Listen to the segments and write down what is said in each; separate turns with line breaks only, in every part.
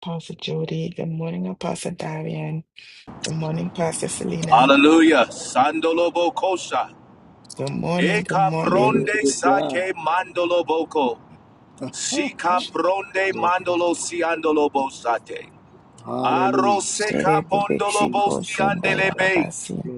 Pastor Jody. Good morning, Apostle Darian. Good morning, Pastor Selena.
Hallelujah. Sandolobo kosha.
Good morning, good
Eka
Glory
morning.
pronde
to God.
sake mandolo boko. Sika pronde
Glory to
mandolo si andolo bosate. Aro
Shere
seka
bebe
pondolo
chiko
bosi
shendaya
andelebe.
babasi.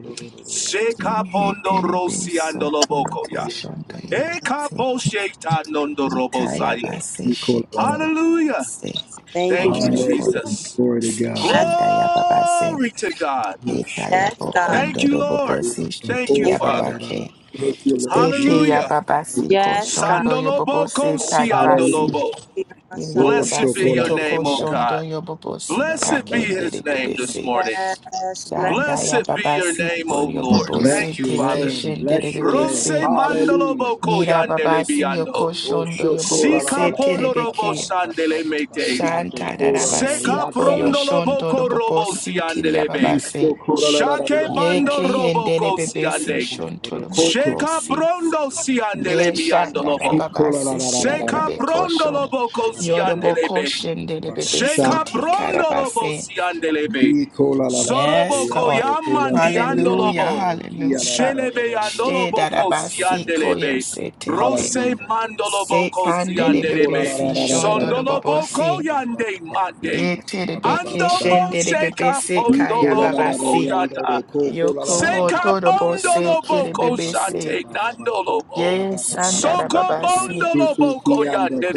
Seka
Inhe
pondo
tere be
rosi
soto yo
boko
yoko
ya.
shonto
Eka
yobose.
po shekta nondo robo
Itaya
saye.
base
God.
shiki
Hallelujah.
se.
Thank you,
Thank
Jesus.
you,
Hoyo
Hallelujah.
koro
Jesus.
Glory to
se
God.
shandaya babase.
Glory to God.
Itaya
Yes, God.
Thank
bokondo
you,
do
Lord.
robobosi
Thank you,
Thank
shitiri
Father.
babake.
Thank you, Lord
Sete ya
Hallelujah.
Jesus.
you.
babasi ko
Yes, God.
shondo yo
Sandolobo
yobobose
kosi
Hallelujah.
tadabasi.
andolobo.
Be my son.
Oh,
Blessed be
Yababase
your
shokola.
name,
toko
O
shondo
God.
yobobosi
Blessed be his
takendere
name this
bebese.
morning.
Yes, bless
Shanda
you.
Blessed be your
yababasi
name,
kol
O Lord.
Bless
yobobose
Thank you,
your
teke
Father.
name.
shendere
Bless your name.
Rose
bebese.
Hallelujah.
mandolobo
Yira
koyandele
babasi
biando.
yoko
Oh,
shondo
Sika
yobobose
shokola.
ponorobo
terebeke.
sandele mete.
Shanta darabasi
Seka
koyo
prondolobo
shondo
korobo
yobobosi tiri
siandelebe.
yababase.
Isto kola la la la
Shake
la
bando
Yeke
robo
hendere bebesi
kosiande.
shonto
la Koto.
Sheka
yobobosi.
brondo siandele
Ye shanda da
miandolobo.
baba
Ikola la la la
siti
la
di
la
Sheka
bebe
la
brondo
kosho.
lobo
ba ba ba
Yodobo
kosiandelebe.
koshin de de
ba ba
bebe
Sheka
shamba.
siti
brondo lobo
karabase.
siandelebe.
Ikola la la la la
Sorobo
Yes, Lord.
la. Kola la la la
Hallelujah,
koyamandiandolobo.
la. Kia la la
hallelujah.
la la la
Shelebe
Shte
andolobo
da da basi
la.
koyo
kosiandelebe.
sete de be.
Rose mandolobo
Se kande de bebe
kosiandelebe.
si shondo do bobo
Sondolobo
si.
koyande mande.
Ye te de be keshen
Hallelujah.
Andobo
de de bebe
sheka
se kaya baba
pondolobo
si.
Hallelujah.
koyata.
Yoko ho todo bo se kere
Sekabondoloboko
bebe se.
shate nandolobo.
Yes, sanda da baba si.
Sokobondoloboko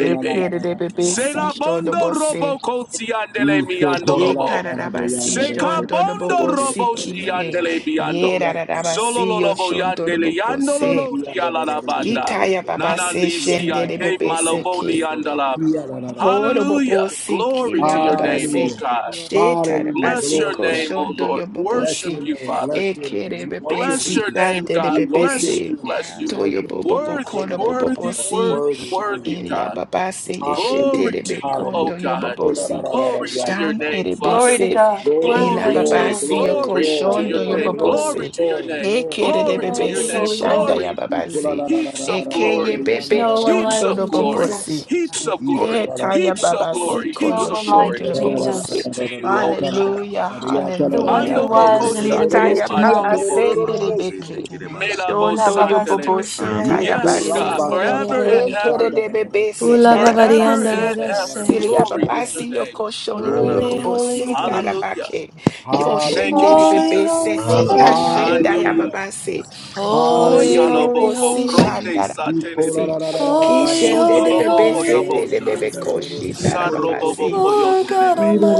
Ye kere de bebe si shodo
Selabondo
bose.
roboko siandele
Ye
miandolobo.
kararaba si shondo do
Sekabondo
bobo si
robo
ki he.
siandele
Ye
biando.
rararaba si yo
Sololobo
shondo do
yandele
bobo se.
yandololo yalalabanda.
Kitaya baba se
Nananisia
shende de
ke
bebe se
malobo
ke.
liandala.
Horo bobo
Hallelujah.
si
Glory to
kiria
your
baba
name, O
se.
God.
She
Hallelujah.
taraba
Bless
si
your
Glory to
ko
God.
name, O
shondo
Lord.
yo bobo
Bless
Worship
your
si.
you,
name. Bless
Father.
E
your name.
kere
We
bebe
worship
Bless
si
your
you.
name,
sande de
We
God.
bebe
worship
Bless you.
se.
you.
Bless
We
you.
Toyo
worship
bobo
you.
bo
We
Worthy,
call
kono
out
bobo
our-
worthy,
si.
worthy,
Worthy, worthy.
worthy,
Iria
God.
babase
Glory
yeshetere
to
Hallelujah.
you,
Hallelujah.
O
bekondo
God.
Call out
yobobosi.
Glory to
yeah.
your
Shan
name, Father.
Glory to
erebese.
God.
Glory,
Worthy
Ila
are
Glory
you,
to
glory,
you.
Lord.
babasi
glory,
yoko
Glory
glory,
to
Holy,
your
shondo
glory,
holy,
name.
holy.
glory,
Glory
yobobosi.
to your
glory,
name.
glory,
Ekere de
Glory
glory,
to your
Holy,
bebesi
glory.
name.
holy,
shanda
holy.
Glory.
We call out
yababasi.
our- our-
Heaps of
Ekeye
glory.
There's
bebe
no one
Heaps
shondo
our-
like
of
you,
glory.
yobobosi.
Jesus.
Heaps of
Hallelujah.
glory.
our-
Etaya
Heaps of
yeah.
babasi
glory.
There's no
Heaps
koyo
of
one like
glory.
shondo
you,
Glory to
yobobosi.
Jesus.
To you,
your
O
Raba,
God.
Hallelujah,
The one who
hallelujah.
Ando
eh, de-
boko
was
de-
and is and
shate
is
Sitaya
to
she take
come.
mandolo
it, eh,
babase
ba-
boko.
Irava
say
terebeke.
take
Santa
it, eh, ba.
Ravashen,
Ila
Shondo
babaste
Melabosandelebe.
yobobosi
Ra- na-
shelele
Yes,
kiri
tayabase.
God,
say take
forever
it.
and
ndadadadada.
Ekere
ever,
de bebe
Ula
sendara
forever
babadianda
babasi.
and ever.
dadase.
Siria
Glory is your
babasi
name.
yoko
Ra-
shondo
na- na-
Holy,
na-
yobobo
holy,
sita
name.
holy.
Hallelujah.
rabake.
Hallelujah.
Thank you,
Hallelujah.
Yoshendere
Holy,
bebe
Jesus.
holy,
setita
holy.
shenda ya
Hallelujah.
Hallelujah.
babasi.
Hallelujah.
Oh
Holy,
Hallelujah!
holy,
yorobobo
Saloboko
si
holy.
pronde
shandara
satelebe.
babasi.
Holy,
Kishende de
holy,
bebe
Sondoloboko
holy.
We
sete de
bless you,
yobosha.
bebe
Lord.
Irava
koshi dara
Santa,
babasi.
Saroboboko
Lord God
yondelebete.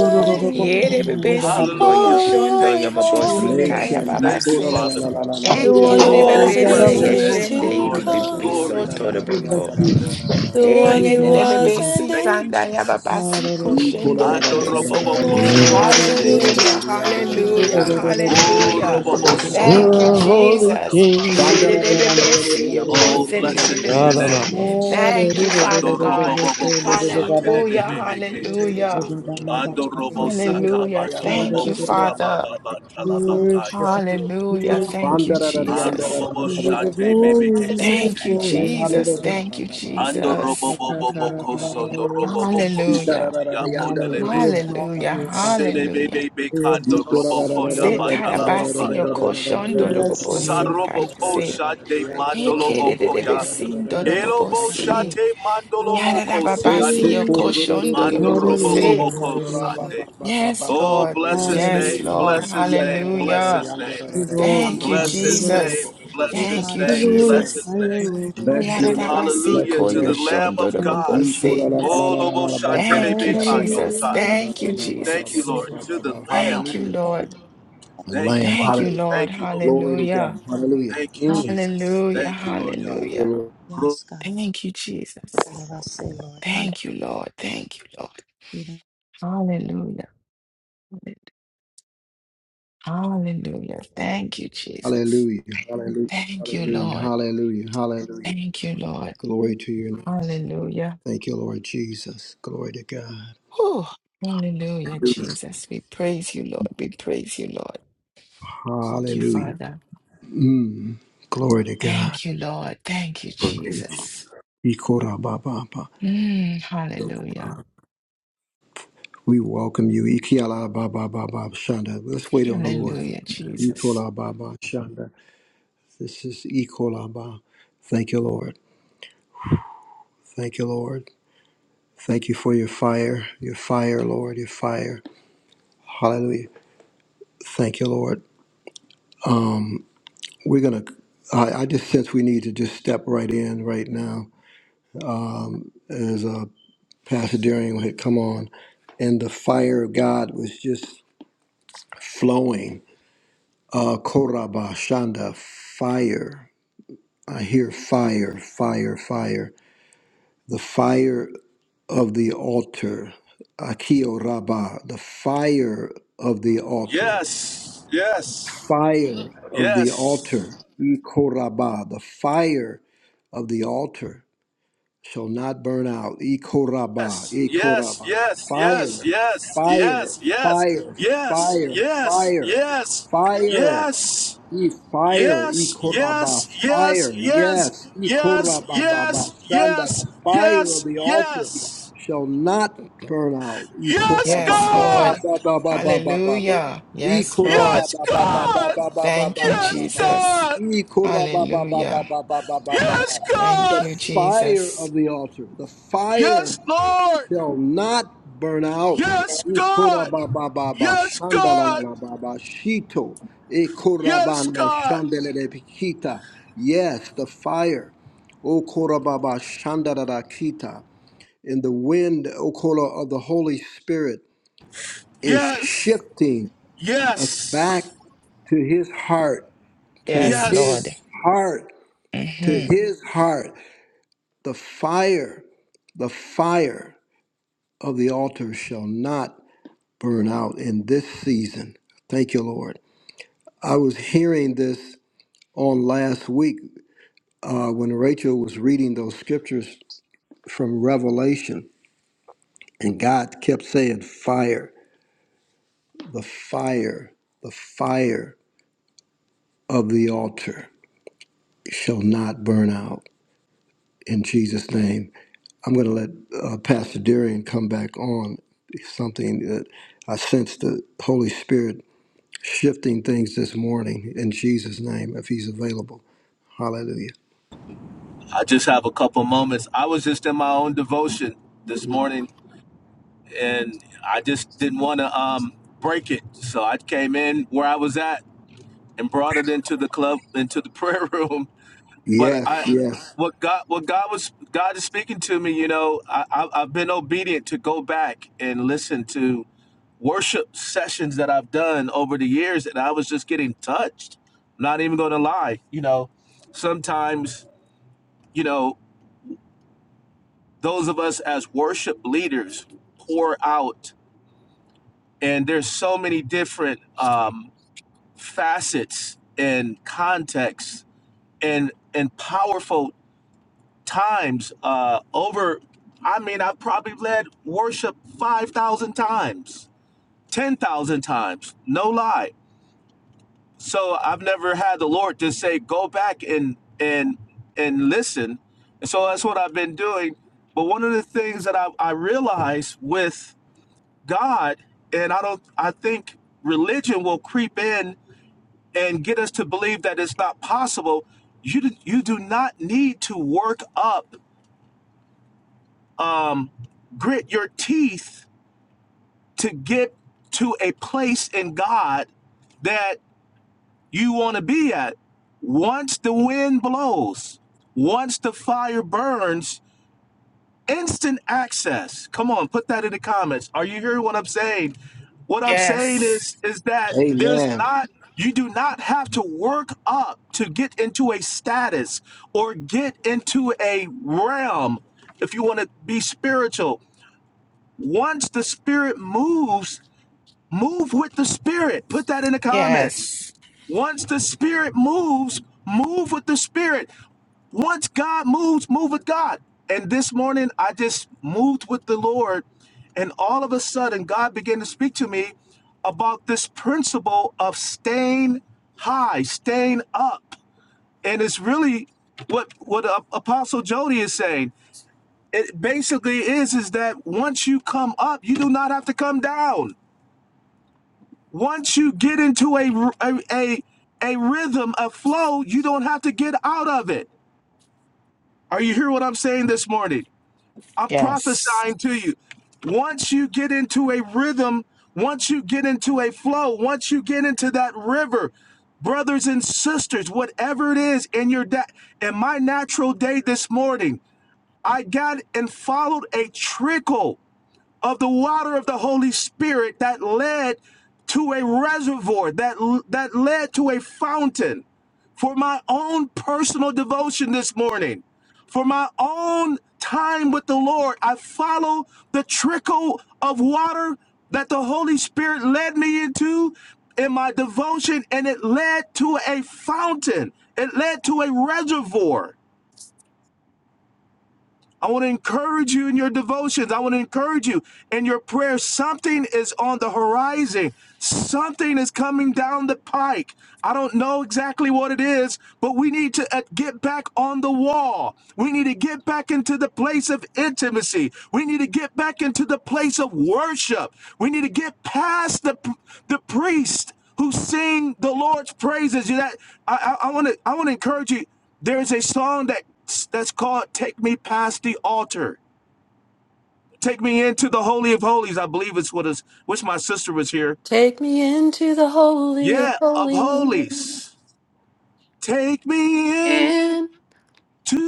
Yere bebe siko
Hallelujah.
holy,
yoshondo
holy,
Thank you,
yobobo sita ya
Glory
Nation
holy,
Jesus.
di
Thank you,
kora la
babasi.
la
to
Father.
la
the
la la la la
the one
yanda
Ekere de
who was
Oh,
bebe
and
se
is
bless your
and
yanda
is
la
name,
la
O
yeshende
la
to
Lord.
yanda la la la
yibibibi
yanda
Glory
come,
la
to
la
you.
la la
soto
yanda la la la la la la la.
the
We
one
Thank
Hey,
you,
who
bless you,
Father.
was
Jesus.
and
dedebebesi,
Thank you,
tanda
is,
Jesus.
yababasi,
Hallelujah.
Di
koshen
kora la la
Savior,
la la
Ando
la la la
dedebebesi.
the
robobo
la
one who was
kosandele
and is
beke
Hallelujah,
to
yanda la la la
sipidike.
la
hallelujah,
la la la
come.
la
O
yanda la
hallelujah.
la
robobo
la la la la la
sondo
You're
Thank you,
a
la.
holy
Jesus.
king.
kosandalaba.
Shanda
Shere
la la
de
yanda
bebe
la la la la
si Shededebebesi,
la
Oh,
We bless
blessed be
and
your
yokosen si.
name.
Ra-da-da-da.
thank you.
Thank you, Father
Ando
God.
robobo
We
boko
worship,
shatele
Hallelujah,
bebe
we
bekete.
worship,
hallelujah,
Ando robo saka
hallelujah.
la
bando
la
Thank
lobo
you,
la
koya
la
Father.
la.
baba
We
talaba
Worship
kaya.
you. we
Hallelujah.
worship
Thank you,
me.
Jesus.
Arobobo
He is a
shate
glory,
bebe
he is
Thank
a
you,
kesete.
glory.
Jesus.
Hallelujah.
Thank you,
Ando
Jesus.
robobo bobo kosondo
Ta-ta-ta-ra-ra-ra-ra-ra-ra.
robobo
Hallelujah.
koshiti
We honor
abondele
you, we exalt
Hallelujah.
you, O God.
Sele
Hallelujah.
bebe
Yanda
We
bekando
exalt you.
roboko
Se
we
yaba
Hallelujah.
talaba
tarabasi yo koshon
pray,
We
dodo
birth,
bless your
bobosi
name.
kaya
Saroboko
se.
shande
Eke de de
mandoloboko
de
ya.
besin
we
dodo
Hallelujah.
pray.
Elobo
Hallelujah.
bobosi.
shate
Yarara
mandoloboko
Bless
babasi
your name.
siande.
yo
Hallelujah.
koshon dodo bobosi.
Hallelujah.
Mandoroboboko
You are
Hallelujah.
worthy.
sande.
Yes,
Oh,
Lord.
bless his
Yes,
name,
Lord.
to
Hallelujah.
bless his
be
name, bless
Hallelujah.
his name,
We
praised. We are, we are.
glorify,
Thank you,
bless
we
his
glorify,
name,
Jesus.
we
bless his
Thank
are,
you,
we
name, bless
Jesus.
his
glorify your
name.
Bless
Lord.
your
Yarara
name.
basi
Bless
Hallelujah
your
ko
to
yo
the
name.
Lamb
shon
of
dodo
Thank
God.
you,
bobosi.
Jesus.
Oh, Lobo
Thank you, Jesus.
Shatelebekayota.
Hallelujah,
Thank you,
Thank you,
Jesus.
hallelujah.
Lord, to the Lamb.
Thank you,
Hallelujah.
Lord.
The
Thank
hallelujah.
you,
Lamb.
Thank
Father.
you,
Hallelujah.
Lord.
Thank you, Lord.
Glory to
Hallelujah.
God. Hallelujah.
Thank you,
Mm.
Jesus.
Hallelujah.
Thank you, Lord
Thank
Hallelujah.
Lord.
God.
Yes, God.
Thank you, Jesus.
I say, Lord,
Thank you, Lord. Thank you, Lord.
Hallelujah.
Hallelujah. Hallelujah. Thank you, Jesus.
Hallelujah. Hallelujah.
Thank you,
Hallelujah.
Lord.
Hallelujah. Hallelujah.
Thank you, Lord.
Glory to you.
Hallelujah.
Thank you, Lord Jesus. Glory to God.
Whew. Hallelujah, Jesus. We praise you, Lord. We praise you, Lord. Thank you,
Hallelujah.
Father.
Mm. Glory to God.
Thank you, Lord. Thank you, Jesus.
Ikorabababa.
Mm, hallelujah.
We welcome you. Ikialabababa Shanda. Let's wait on the Lord.
Hallelujah, Jesus.
Ikolababa Shanda. This is Ikolaba. Thank you, Lord. Thank you, Lord. Thank you for your fire, your fire, Lord, your fire. Hallelujah. Thank you, Lord. Um, we're gonna. I, I just sense we need to just step right in right now. as uh, Pastor Darian had come on, and the fire of God was just flowing. Uh, Koraba Shanda, fire. I hear fire, fire, fire. The fire of the altar. Akio Rabba, the fire of the altar.
Yes, yes,
Fire of the
yes,
altar. Ikoraba, the fire of the altar. shall not burn out. Ikoraba,
yes, yes,
ikoraba. The
yes, yes,
fire,
yes,
fire,
yes, yes,
fire, fire,
yes, yes, yes,
fire, fire.
yes,
E fire, e
yes,
koraba,
yes, yes,
fire.
yes,
Yes, e
yes,
koraba, baba,
yes,
shanda, the fire of
yes, yes,
the altar
yes.
shall not burn out. E
Yes,
koraba,
Yes,
baba,
God!
Lord.
baba, baba, baba,
Hallelujah.
e
Yes, Lord.
koraba,
Yes,
baba,
God!
baba, baba,
Thank you,
baba,
Yes,
baba,
Jesus.
God!
e koraba, baba, baba,
Hallelujah.
baba, baba,
Yes,
baba.
Thank
The
God!
you,
fire
Jesus.
of the altar, the fire
Yes, Lord!
shall not burn out.
Yes, God!
Ikorabababa,
Yes, God!
shandalalababa, shito,
Yes,
ikorabana,
God.
shandalalabikita. Yes, the fire. O Korababa kita. and the wind, O Kora, of the Holy Spirit is
Yes.
shifting us
Yes.
back to His heart, to
Yes,
His
Lord.
Yes.
heart, to
hmm
His heart. The fire, the fire of the altar shall not burn out in this season. Thank you, Lord. I was hearing this on last week uh, when Rachel was reading those scriptures from Revelation, and God kept saying, Fire, the fire, the fire of the altar shall not burn out in Jesus' name. I'm going to let uh, Pastor Darian come back on something that I sense the Holy Spirit shifting things this morning in Jesus' name if he's available. Hallelujah.
I just have a couple moments. I was just in my own devotion this morning and I just didn't want to um break it. So I came in where I was at and brought it into the club into the prayer room but
Yes,
I,
yes.
what God, what God was, God is speaking to me. You know, I, I, I've been obedient to go back and listen to worship sessions that I've done over the years, and I was just getting touched. not even going to lie. You know, sometimes, you know, those of us as worship leaders pour out, and there's so many different um, facets and contexts and and powerful times uh over i mean i've probably led worship 5000 times 10000 times no lie so i've never had the lord just say go back and and and listen and so that's what i've been doing but one of the things that i, I realize with god and i don't i think religion will creep in and get us to believe that it's not possible you do, you do not need to work up um, grit your teeth to get to a place in God that you want to be at. Once the wind blows, once the fire burns, instant access. Come on, put that in the comments. Are you hearing what I'm saying? What I'm saying
Yes.
is is that there's
Amen.
not you do not have to work up to get into a status or get into a realm if you want to be spiritual Once the spirit moves, move with the spirit. Put that in the comments.
Yes.
Once the spirit moves, move with the spirit. Once God moves, move with God. And this morning I just moved with the Lord and all of a sudden God began to speak to me about this principle of staying high, staying up. And it's really what what uh, Apostle Jody is saying it basically is is that once you come up, you do not have to come down. Once you get into a a a a rhythm, a flow, you don't have to get out of it. Are you hearing what I'm saying this morning? I'm
Yes.
prophesying to you. Once you get into a rhythm, once you get into a flow, once you get into that river, brothers and sisters, whatever it is in your da- in my natural day this morning, I got and followed a trickle of the water of the Holy Spirit that led to a reservoir, that, that led to a fountain for my own personal devotion this morning, for my own time with the Lord. I follow the trickle of water that the Holy Spirit led me into in my devotion, and it led to a fountain, it led to a reservoir. I want to encourage you in your devotions. I want to encourage you in your prayers. Something is on the horizon. Something is coming down the pike. I don't know exactly what it is, but we need to uh, get back on the wall. We need to get back into the place of intimacy. We need to get back into the place of worship. We need to get past the the priest who sing the Lord's praises. You that I I, I want to I want to encourage you. There is a song that that's called "Take Me Past the Altar." Take me into the Holy of Holies. I believe it's what is. Wish my sister was here.
Take me into the holy of
Yeah, of
holies,
holies. Take me in
in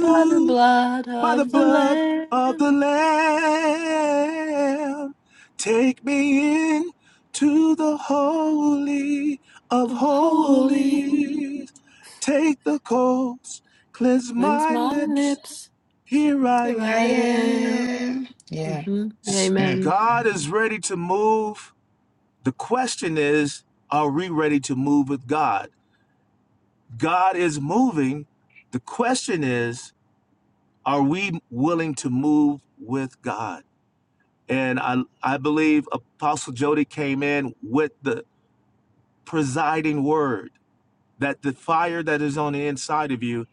by the blood
by the
of the
blood
Lamb
of the Lamb. Take me in to the Holy of
of holy,
Holies. Take the coals, cleanse
cleanse
my
my
lips.
lips.
Here I
Here
I
I
am.
am.
am. Yeah.
hmm Amen.
Mm.
God is ready to move. The question is, are we ready to move with God? God is moving. The question is, are we willing to move with God? And I, I believe Apostle Jody came in with the presiding word. that the fire that is on the inside of you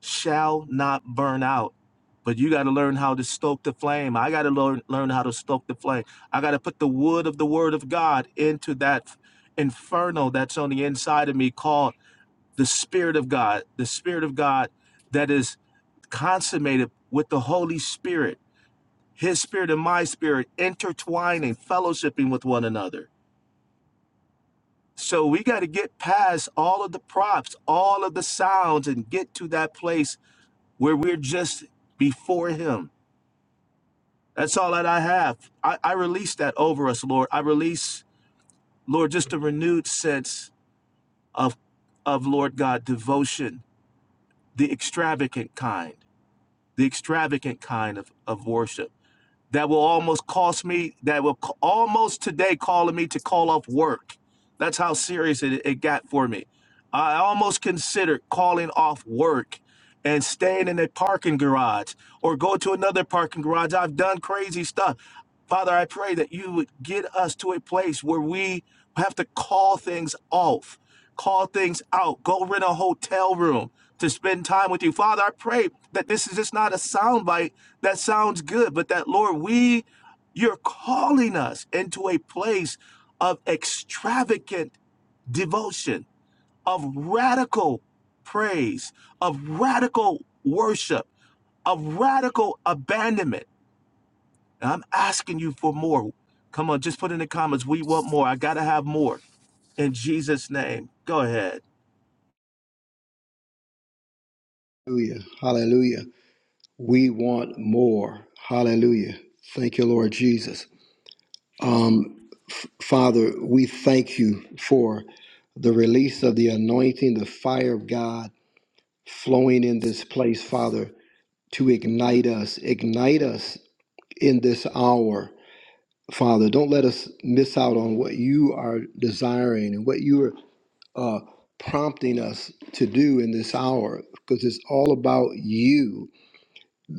shall not burn out. But you got to learn how to stoke the flame. I got to learn learn how to stoke the flame. I got to put the wood of the word of God into that inferno that's on the inside of me called the spirit of God. The spirit of God that is consummated with the Holy Spirit. His spirit and my spirit intertwining, fellowshipping with one another. So we got to get past all of the props, all of the sounds, and get to that place where we're just before Him. That's all that I have. I, I release that over us, Lord. I release, Lord, just a renewed sense of, of Lord God, devotion, the extravagant kind, the extravagant kind of, of worship. that will almost cost me that will co- almost today calling me to call off work that's how serious it, it got for me i almost considered calling off work and staying in a parking garage or go to another parking garage i've done crazy stuff father i pray that you would get us to a place where we have to call things off call things out go rent a hotel room to spend time with you father i pray that this is just not a soundbite that sounds good, but that Lord, we you're calling us into a place of extravagant devotion, of radical praise, of radical worship, of radical abandonment. And I'm asking you for more. Come on, just put in the comments. We want more. I got to have more. In Jesus' name, go ahead.
Hallelujah. Hallelujah. We want more. Hallelujah. Thank you, Lord Jesus. Um, F- Father, we thank you for the release of the anointing, the fire of God flowing in this place, Father, to ignite us. Ignite us in this hour. Father, don't let us miss out on what you are desiring and what you are uh, prompting us to do in this hour because it's all about you,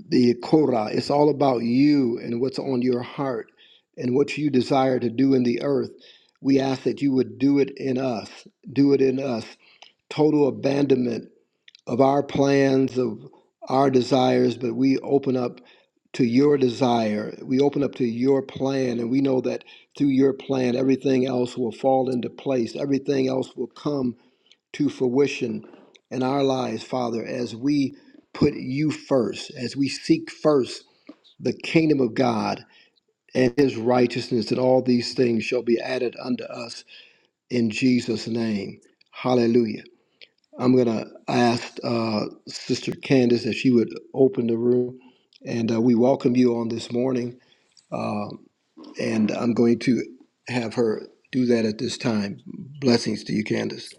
the Korah. It's all about you and what's on your heart and what you desire to do in the earth. We ask that you would do it in us, do it in us. Total abandonment of our plans, of our desires, but we open up to your desire. We open up to your plan, and we know that through your plan, everything else will fall into place. Everything else will come to fruition in our lives, Father, as we put you first, as we seek first the kingdom of God and his righteousness, and all these things shall be added unto us in Jesus' name. Hallelujah. I'm going to ask uh, Sister Candace if she would open the room, and uh, we welcome you on this morning. Uh, and I'm going to have her do that at this time. Blessings to you, Candace.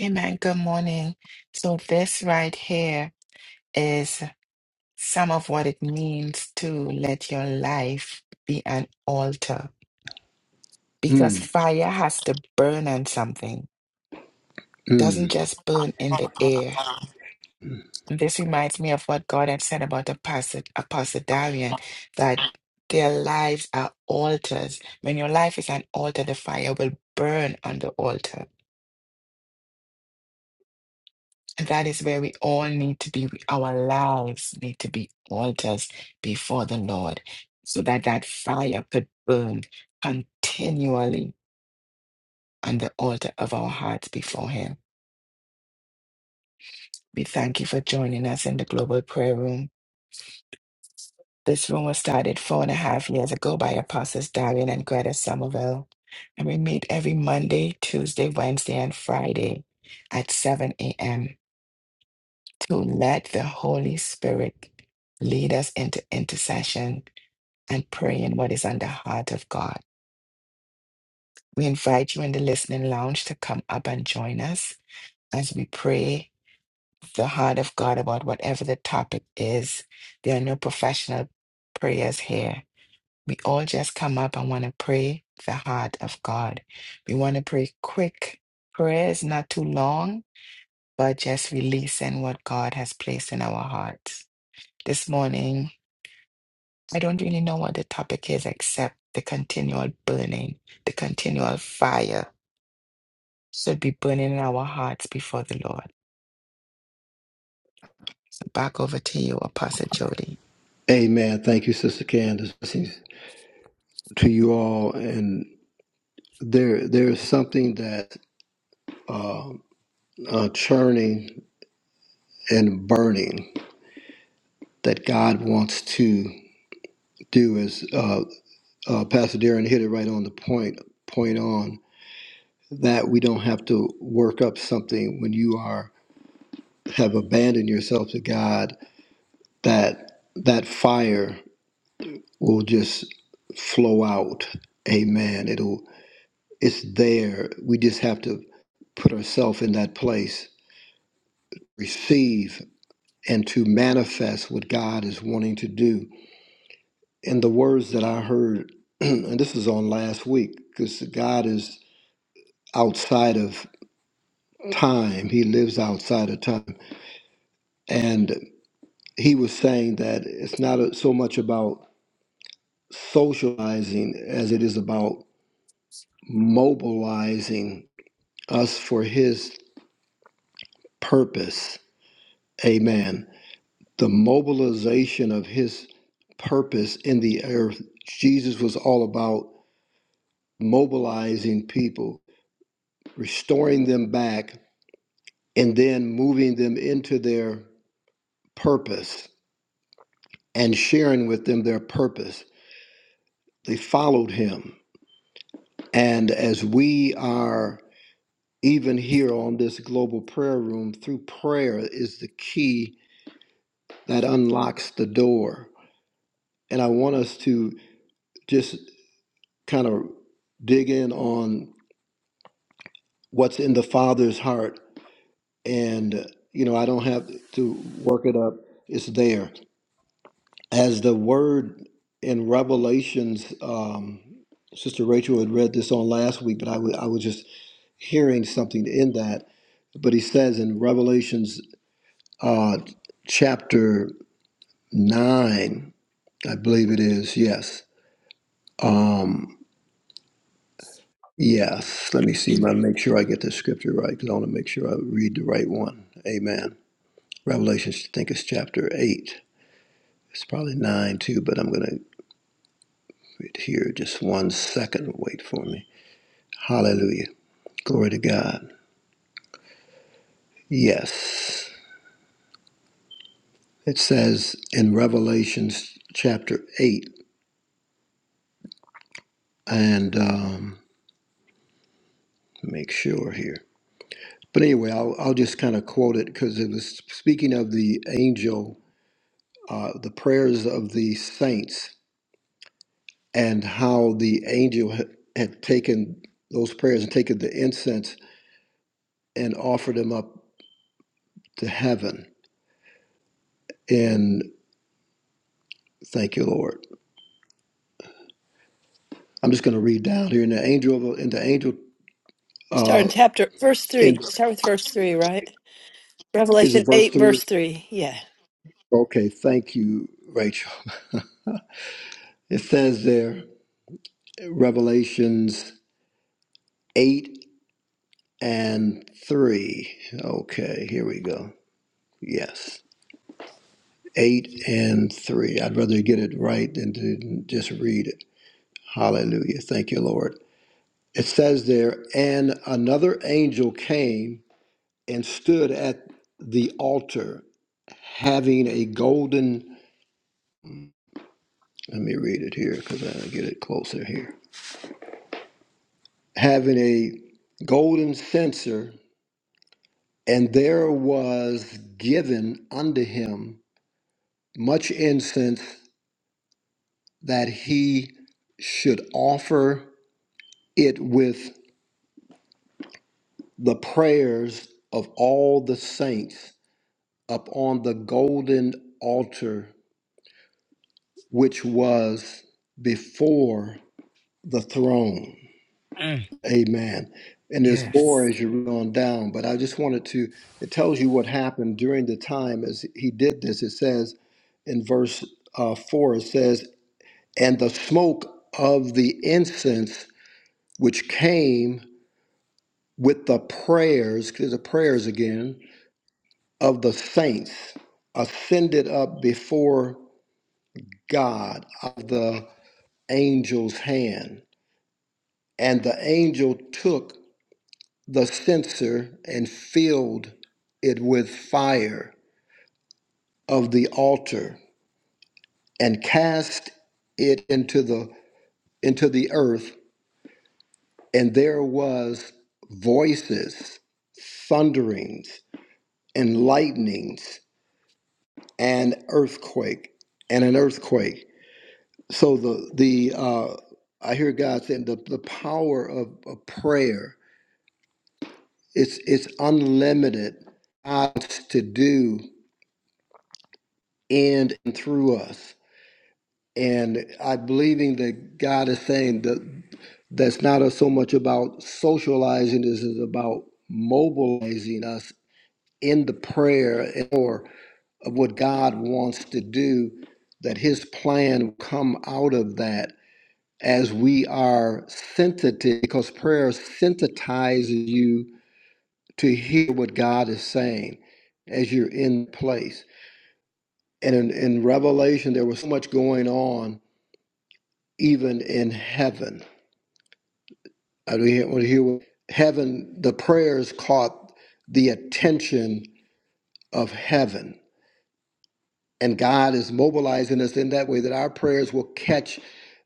Amen. Good morning. So, this right here is some of what it means to let your life be an altar. because
Mm,
fire has to burn on something. It
mm.
doesn't just burn in the air. And This reminds me of what God had said about Apostle, Apostle Darian, that their lives are altars. When your life is an altar, the fire will burn on the altar. And that is where we all need to be. Our lives need to be altars before the Lord so that that fire could burn continually on the altar of our hearts before Him. We thank you for joining us in the Global Prayer Room. This room was started four and a half years ago by Apostles Darian and Greta Somerville, and we meet every Monday, Tuesday, Wednesday, and Friday at 7 a.m. to let the Holy Spirit lead us into intercession and pray in what is on the heart of God. We invite you in the listening lounge to come up and join us as we pray the heart of God about whatever the topic is. There are no professional prayers here. We all just come up and want to pray the heart of God. We want to pray quick prayers, not too long, but just releasing what God has placed in our hearts. This morning, I don't really know what the topic is except the continual burning, the continual fire should be burning in our hearts before the Lord. So back over to you, Apostle Jody.
Amen. Thank you, Sister Candace. Blessings to you all. And there, there is something that uh, uh, churning and burning that God wants to do. Is uh, uh, Pastor Darren hit it right on the point. Point on that we don't have to work up something when you are have abandoned yourself to God. That that fire will just flow out. Amen. It'll It's there. We just have to put ourselves in that place, receive, and to manifest what God is wanting to do. And the words that I heard, and this was on last week, because God is outside of time, He lives outside of time. And He was saying that it's not a- so much about socializing as it is about mobilizing us for His purpose. Amen. the mobilization of his purpose in the earth. Jesus was all about mobilizing people, restoring them back, and then moving them into their purpose and sharing with them their purpose. They followed him. And as we are even here on this global prayer room, through prayer is the key that unlocks the door. And I want us to just kind of dig in on what's in the Father's heart. And, you know, I don't have to work it up, it's there. As the word in Revelations, um, Sister Rachel had read this on last week, but I wa- I was just hearing something in that. But he says in Revelations uh, chapter 9, I believe it is, yes. Um, yes, let me see. Let me make sure I get the scripture right because I want to make sure I read the right one. Amen Revelation, I think it's chapter 8. It's probably 9 too, but I'm going to read here just one second. Wait for me. Hallelujah. Glory to God. Yes. It says in Revelations chapter 8, and um, make sure here. But anyway, I'll, I'll just kind of quote it because it was speaking of the angel, uh, the prayers of the saints, and how the angel had, had taken those prayers and taken the incense and offered them up to heaven. And thank you, Lord. I'm just going to read down here. And the angel, of- and the angel,
Start
uh,
in chapter verse three.
in,
Start with verse three, right?
is
Revelation
it verse
eight,
three?
verse three. Yeah.
Okay, thank you, Rachel. It says there, Revelations eight and three. Okay, here we go. Yes, eight and three. I'd rather get it right than to just read it. Hallelujah. Thank you, Lord. It says there, and another angel came and stood at the altar having a golden let me read it here because i get it closer here having a golden censer and there was given unto him much incense that he should offer it with the prayers of all the saints upon the golden altar which was before the throne
Mm.
Amen. And there's more
Yes.
as you read on down, but I just wanted to, it tells you what happened during the time as he did this. It says in verse uh, 4, it says, And the smoke of the incense which came with the prayers, because the prayers again, of the saints ascended up before God of the angel's hand. And the angel took the censer and filled it with fire of the altar and cast it into the into the earth and there was voices thunderings and lightnings and earthquake and an earthquake so the the uh i hear god saying the, the power of, of prayer it's it's unlimited odds to do in and through us and I'm believing that God is saying that that's not so much about socializing this is about mobilizing us in the prayer or of what God wants to do, that His plan will come out of that as we are sensitive, because prayer sensitizes you to hear what God is saying as you're in place. And in, in Revelation, there was so much going on even in heaven I don't want to hear what heaven, the prayers caught the attention of heaven. And God is mobilizing us in that way that our prayers will catch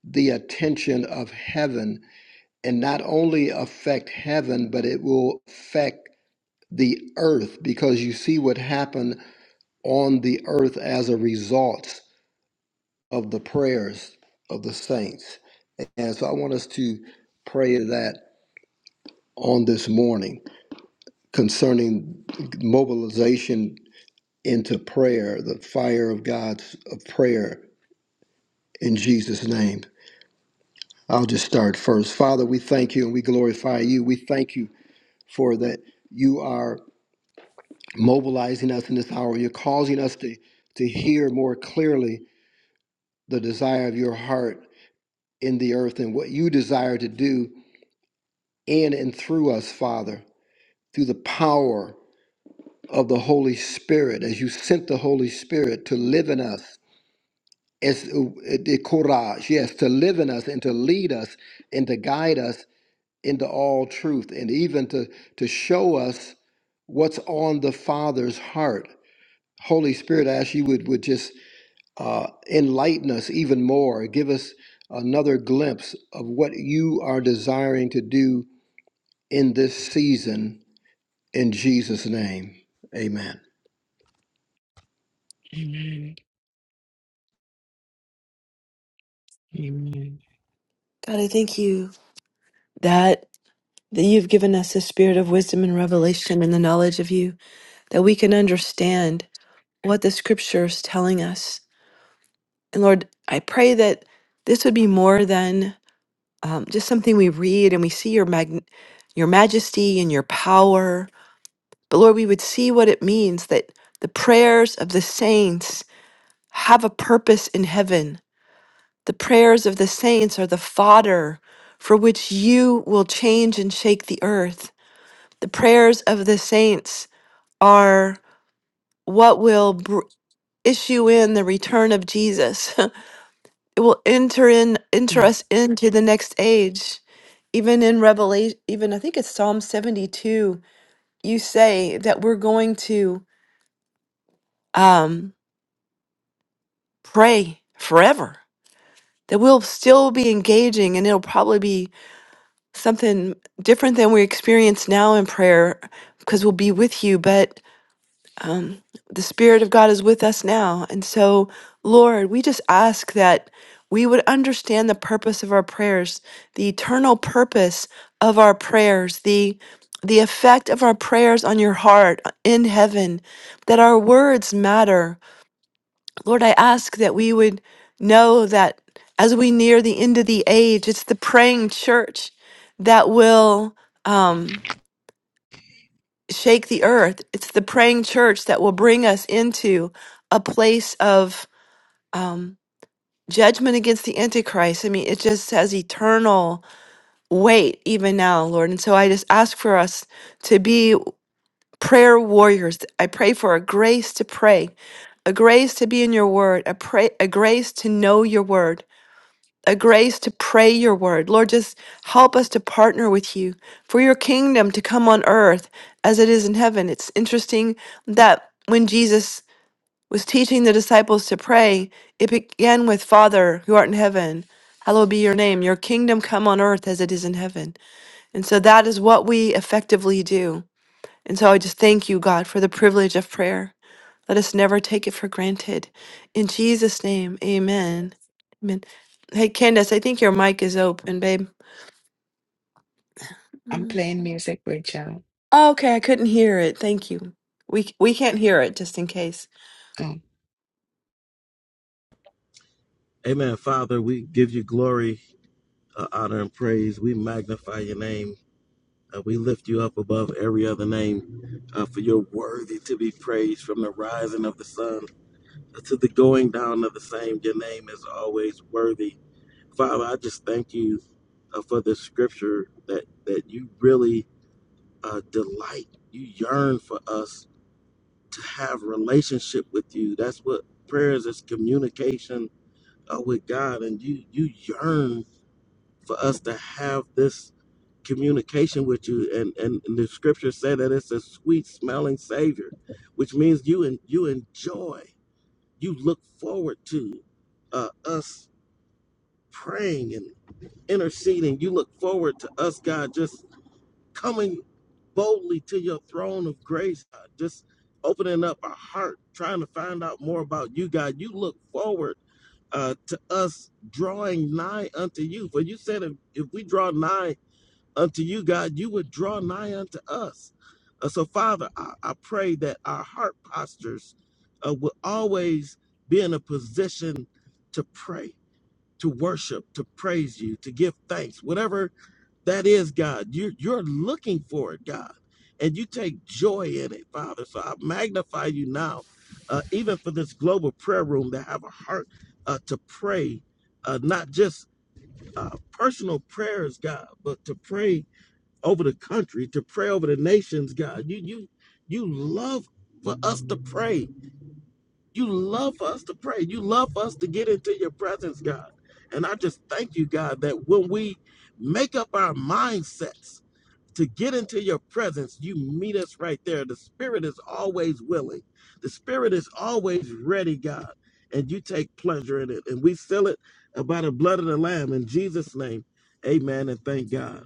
the attention of heaven and not only affect heaven, but it will affect the earth because you see what happened on the earth as a result of the prayers of the saints. And so I want us to pray that on this morning. concerning mobilization into prayer, the fire of God's of prayer in Jesus' name. I'll just start first. Father, we thank you and we glorify you. We thank you for that you are mobilizing us in this hour. You're causing us to, to hear more clearly the desire of your heart in the earth and what you desire to do in and through us, Father, through the power of the Holy Spirit, as you sent the Holy Spirit to live in us It's uh, the courage, yes, to live in us and to lead us and to guide us into all truth and even to, to show us what's on the Father's heart. Holy Spirit, I ask you would, would just uh, enlighten us even more, give us another glimpse of what you are desiring to do in this season in Jesus' name. Amen.
Amen. Amen.
God, I thank you that that you've given us the spirit of wisdom and revelation and the knowledge of you, that we can understand what the scripture is telling us. And Lord, I pray that this would be more than um, just something we read and we see your mag- your majesty and your power. But Lord, we would see what it means that the prayers of the saints have a purpose in heaven The prayers of the saints are the fodder for which you will change and shake the earth. The prayers of the saints are what will br- issue in the return of Jesus. it will enter in enter
Mm.
us into the next age. Even in Revelation, even I think it's Psalm 72, you say that we're going to um, pray forever. That we'll still be engaging and it'll probably be something different than we experience now in prayer because we'll be with you, but um, the Spirit of God is with us now. And so, Lord, we just ask that we would understand the purpose of our prayers, the eternal purpose of our prayers, the the effect of our prayers on your heart uh, in heaven, that our words matter, Lord, I ask that we would know that as we near the end of the age, it's the praying church that will um, shake the earth. It's the praying church that will bring us into a place of um, judgment against the Antichrist. I mean, it just has eternal weight even now, Lord. And so I just ask for us to be prayer warriors. I pray for a grace to pray, a grace to be in your word, a, pray, a grace to know your word a grace to pray your word. Lord, just help us to partner with you for your kingdom to come on earth as it is in heaven. It's interesting that when Jesus was teaching the disciples to pray, it began with Father who art in heaven. Hallowed be your name, your kingdom come on earth as it is in heaven. And so that is what we effectively do. And so I just thank you, God, for the privilege of prayer. Let us never take it for granted. In Jesus' name, amen. Amen. Hey, Candace, I think your mic is open, babe.
I'm
Mm.
playing music, Rachel.
Oh, okay, I couldn't hear it. Thank you. We, we can't hear it, just in case.
Oh,
Amen. Father, we give you glory, uh, honor, and praise. We magnify your name. Uh, we lift you up above every other name, uh, for you're worthy to be praised from the rising of the sun to the going down of the same. Your name is always worthy. Father, I just thank you uh, for the scripture that that you really uh, delight, you yearn for us to have relationship with you. That's what prayer is: is communication uh, with God, and you you yearn for us to have this communication with you. And and, and the scripture said that it's a sweet smelling savior, which means you and you enjoy, you look forward to uh, us praying interceding. You look forward to us, God, just coming boldly to your throne of grace, God, just opening up our heart, trying to find out more about you, God. You look forward uh, to us drawing nigh unto you. For you said if, if we draw nigh unto you, God, you would draw nigh unto us. Uh, so, Father, I, I pray that our heart postures uh, will always be in a position to pray, to worship, to praise you, to give thanks, whatever that is God. You're, you're looking for it, God. And you take joy in it, Father. So I magnify you now, uh, even for this global prayer room that have a heart uh, to pray, uh, not just uh, personal prayers, God, but to pray over the country, to pray over the nations, God. You, you, you love for us to pray. You love for us to pray. You love for us to get into your presence, God. And I just thank you, God, that when we make up our mindsets, to get into your presence, you meet us right there. The spirit is always willing. The spirit is always ready, God. And you take pleasure in it. And we seal it by the blood of the Lamb in Jesus' name. Amen. And thank God.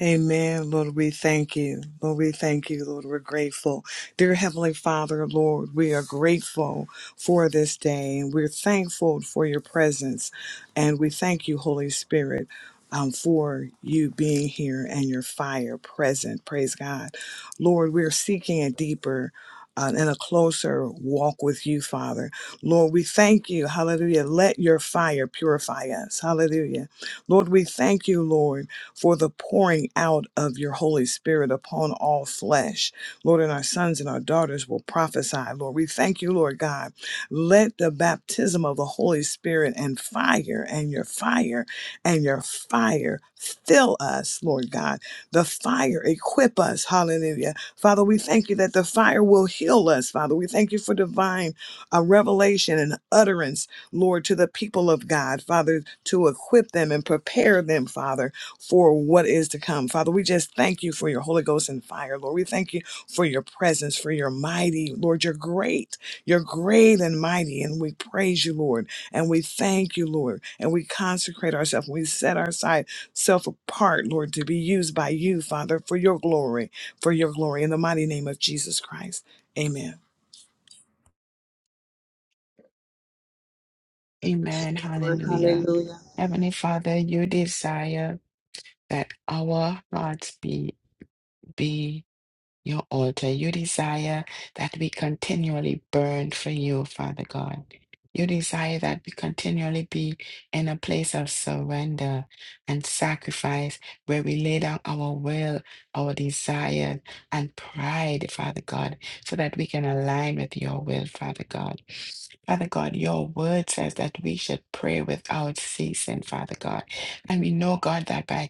Amen. Lord, we thank you. Lord, we thank you. Lord, we're grateful. Dear Heavenly Father, Lord, we are grateful for this day and we're thankful for your presence. And we thank you, Holy Spirit, um, for you being here and your fire present. Praise God. Lord, we're seeking a deeper uh, and a closer walk with you, Father. Lord, we thank you. Hallelujah. Let your fire purify us. Hallelujah. Lord, we thank you, Lord for the pouring out of your Holy Spirit upon all flesh. Lord, and our sons and our daughters will prophesy. Lord, we thank you, Lord God. Let the baptism of the Holy Spirit and fire and your fire and your fire fill us, Lord God. The fire equip us. Hallelujah. Father, we thank you that the fire will heal us, Father. We thank you for divine uh, revelation and utterance, Lord, to the people of God, Father, to equip them and prepare them, Father for what is to come. Father, we just thank you for your Holy Ghost and fire, Lord. We thank you for your presence, for your mighty, Lord. You're great. You're great and mighty. And we praise you, Lord. And we thank you, Lord. And we consecrate ourselves. We set our side self apart, Lord, to be used by you, Father, for your glory, for your glory. In the mighty name of Jesus Christ. Amen.
amen. Hallelujah.
hallelujah.
Heavenly Father, you desire that our hearts be be your altar. You desire that we continually burn for you, Father God. You desire that we continually be in a place of surrender and sacrifice where we lay down our will, our desire, and pride, Father God, so that we can align with your will, Father God. Father God, your word says that we should pray without ceasing, Father God. And we know, God, that by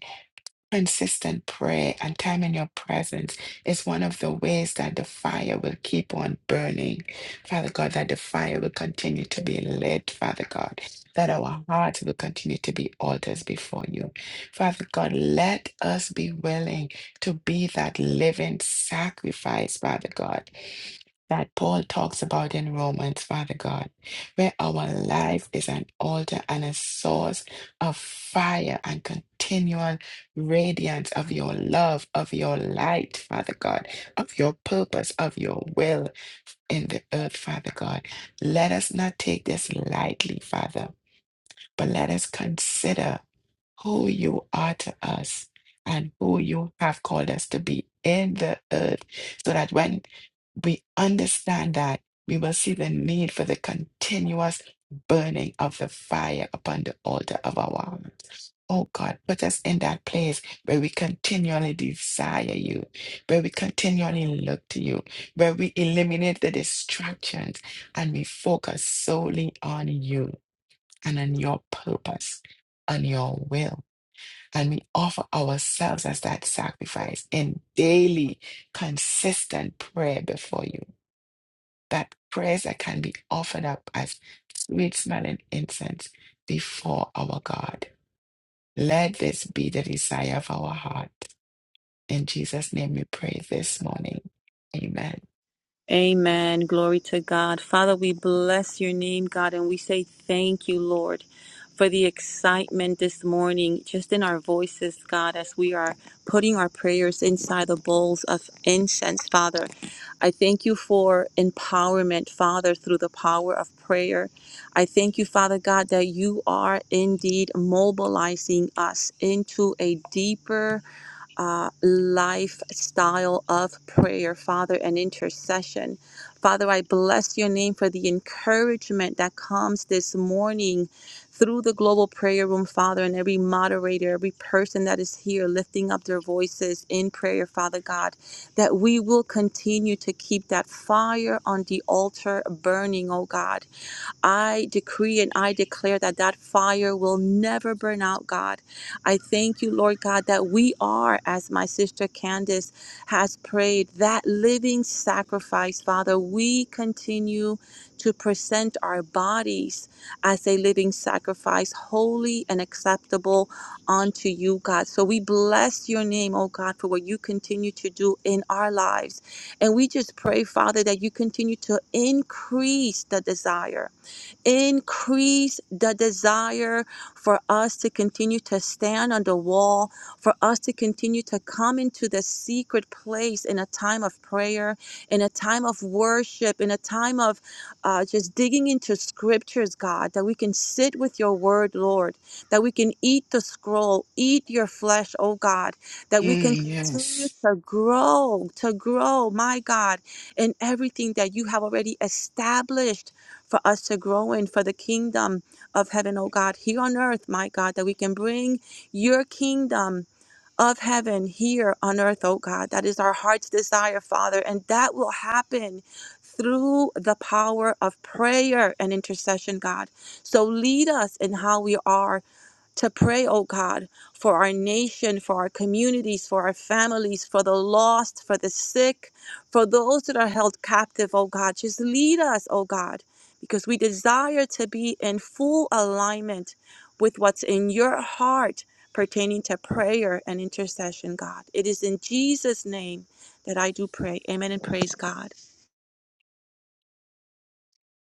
Consistent prayer and time in your presence is one of the ways that the fire will keep on burning. Father God, that the fire will continue to be lit, Father God, that our hearts will continue to be altars before you. Father God, let us be willing to be that living sacrifice, Father God, that Paul talks about in Romans, Father God, where our life is an altar and a source of fire and continual radiance of your love, of your light, Father God, of your purpose, of your will in the earth, Father God. Let us not take this lightly, Father, but let us consider who you are to us and who you have called us to be in the earth, so that when we understand that, we will see the need for the continuous burning of the fire upon the altar of our heart. Oh God, put us in that place where we continually desire you, where we continually look to you, where we eliminate the distractions and we focus solely on you and on your purpose, on your will and we offer ourselves as that sacrifice in daily, consistent prayer before you. That prayers that can be offered up as sweet smelling incense before our God. Let this be the desire of our heart. In Jesus' name we pray this morning. Amen.
Amen. Glory to God. Father, we bless your name, God, and we say thank you, Lord, for the excitement this morning, just in our voices, God, as we are putting our prayers inside the bowls of incense, Father. I thank you for empowerment, Father, through the power of prayer. I thank you, Father God, that you are indeed mobilizing us into a deeper uh, lifestyle of prayer, Father, and intercession. Father, I bless your name for the encouragement that comes this morning through the global prayer room, Father, and every moderator, every person that is here lifting up their voices in prayer, Father God, that we will continue to keep that fire on the altar burning, oh God I decree and I declare that that fire will never burn out, God. I thank you, Lord God, that we are, as my sister Candace has prayed, that living sacrifice, Father. We continue to present our bodies as a living sacrifice, holy and acceptable unto you, God. So we bless your name, oh God, for what you continue to do in our lives. And we just pray, Father, that you continue to increase the desire Increase the desire for us to continue to stand on the wall, for us to continue to come into the secret place in a time of prayer, in a time of worship, in a time of uh, just digging into scriptures, God, that we can sit with your word, Lord, that we can eat the scroll, eat your flesh, oh God, that we can
Mm,
continue
yes.
to grow, to grow, my God, in everything that you have already established for us to grow in for the kingdom of heaven, oh God, here on earth, my God, that we can bring your kingdom of heaven here on earth, oh God. That is our heart's desire, Father, and that will happen through the power of prayer and intercession, God. So lead us in how we are to pray, oh God, for our nation, for our communities, for our families, for the lost, for the sick, for those that are held captive, oh God. Just lead us, oh God, because we desire to be in full alignment with what's in your heart pertaining to prayer and intercession, God. It is in Jesus' name that I do pray. Amen and praise God.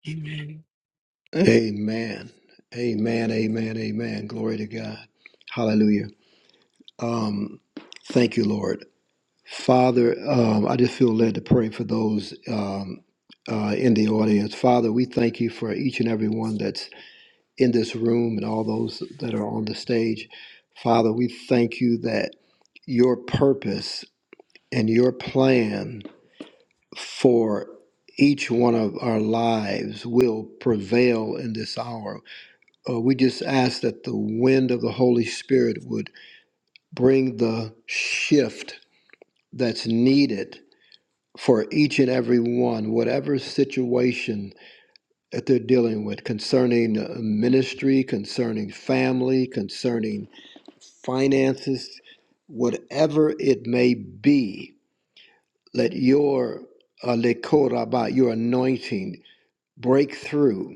Amen.
Amen. Amen. Amen. Amen. Glory to God. Hallelujah. Um, thank you, Lord. Father, um, I just feel led to pray for those um, uh, in the audience. Father, we thank you for each and every one that's in this room and all those that are on the stage. Father, we thank you that your purpose and your plan for each one of our lives will prevail in this hour. Uh, we just ask that the wind of the Holy Spirit would bring the shift that's needed for each and every one, whatever situation that they're dealing with concerning uh, ministry, concerning family, concerning finances, whatever it may be, let your uh, lekoraba, your anointing break through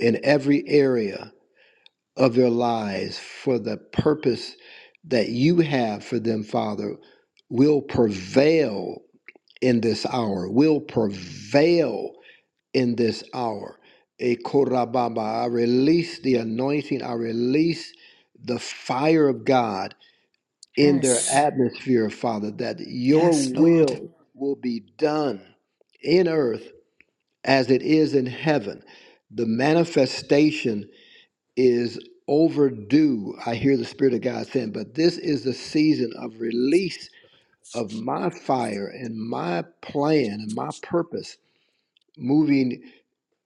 in every area of their lives for the purpose that you have for them, Father, will prevail in this hour, will prevail in this hour. E korababa, I release the anointing, I release the fire of God in their
Yes.
atmosphere, Father, that your
Yes, Lord.
will will be done in earth as it is in heaven. The manifestation is overdue. I hear the Spirit of God saying, but this is the season of release of my fire and my plan and my purpose moving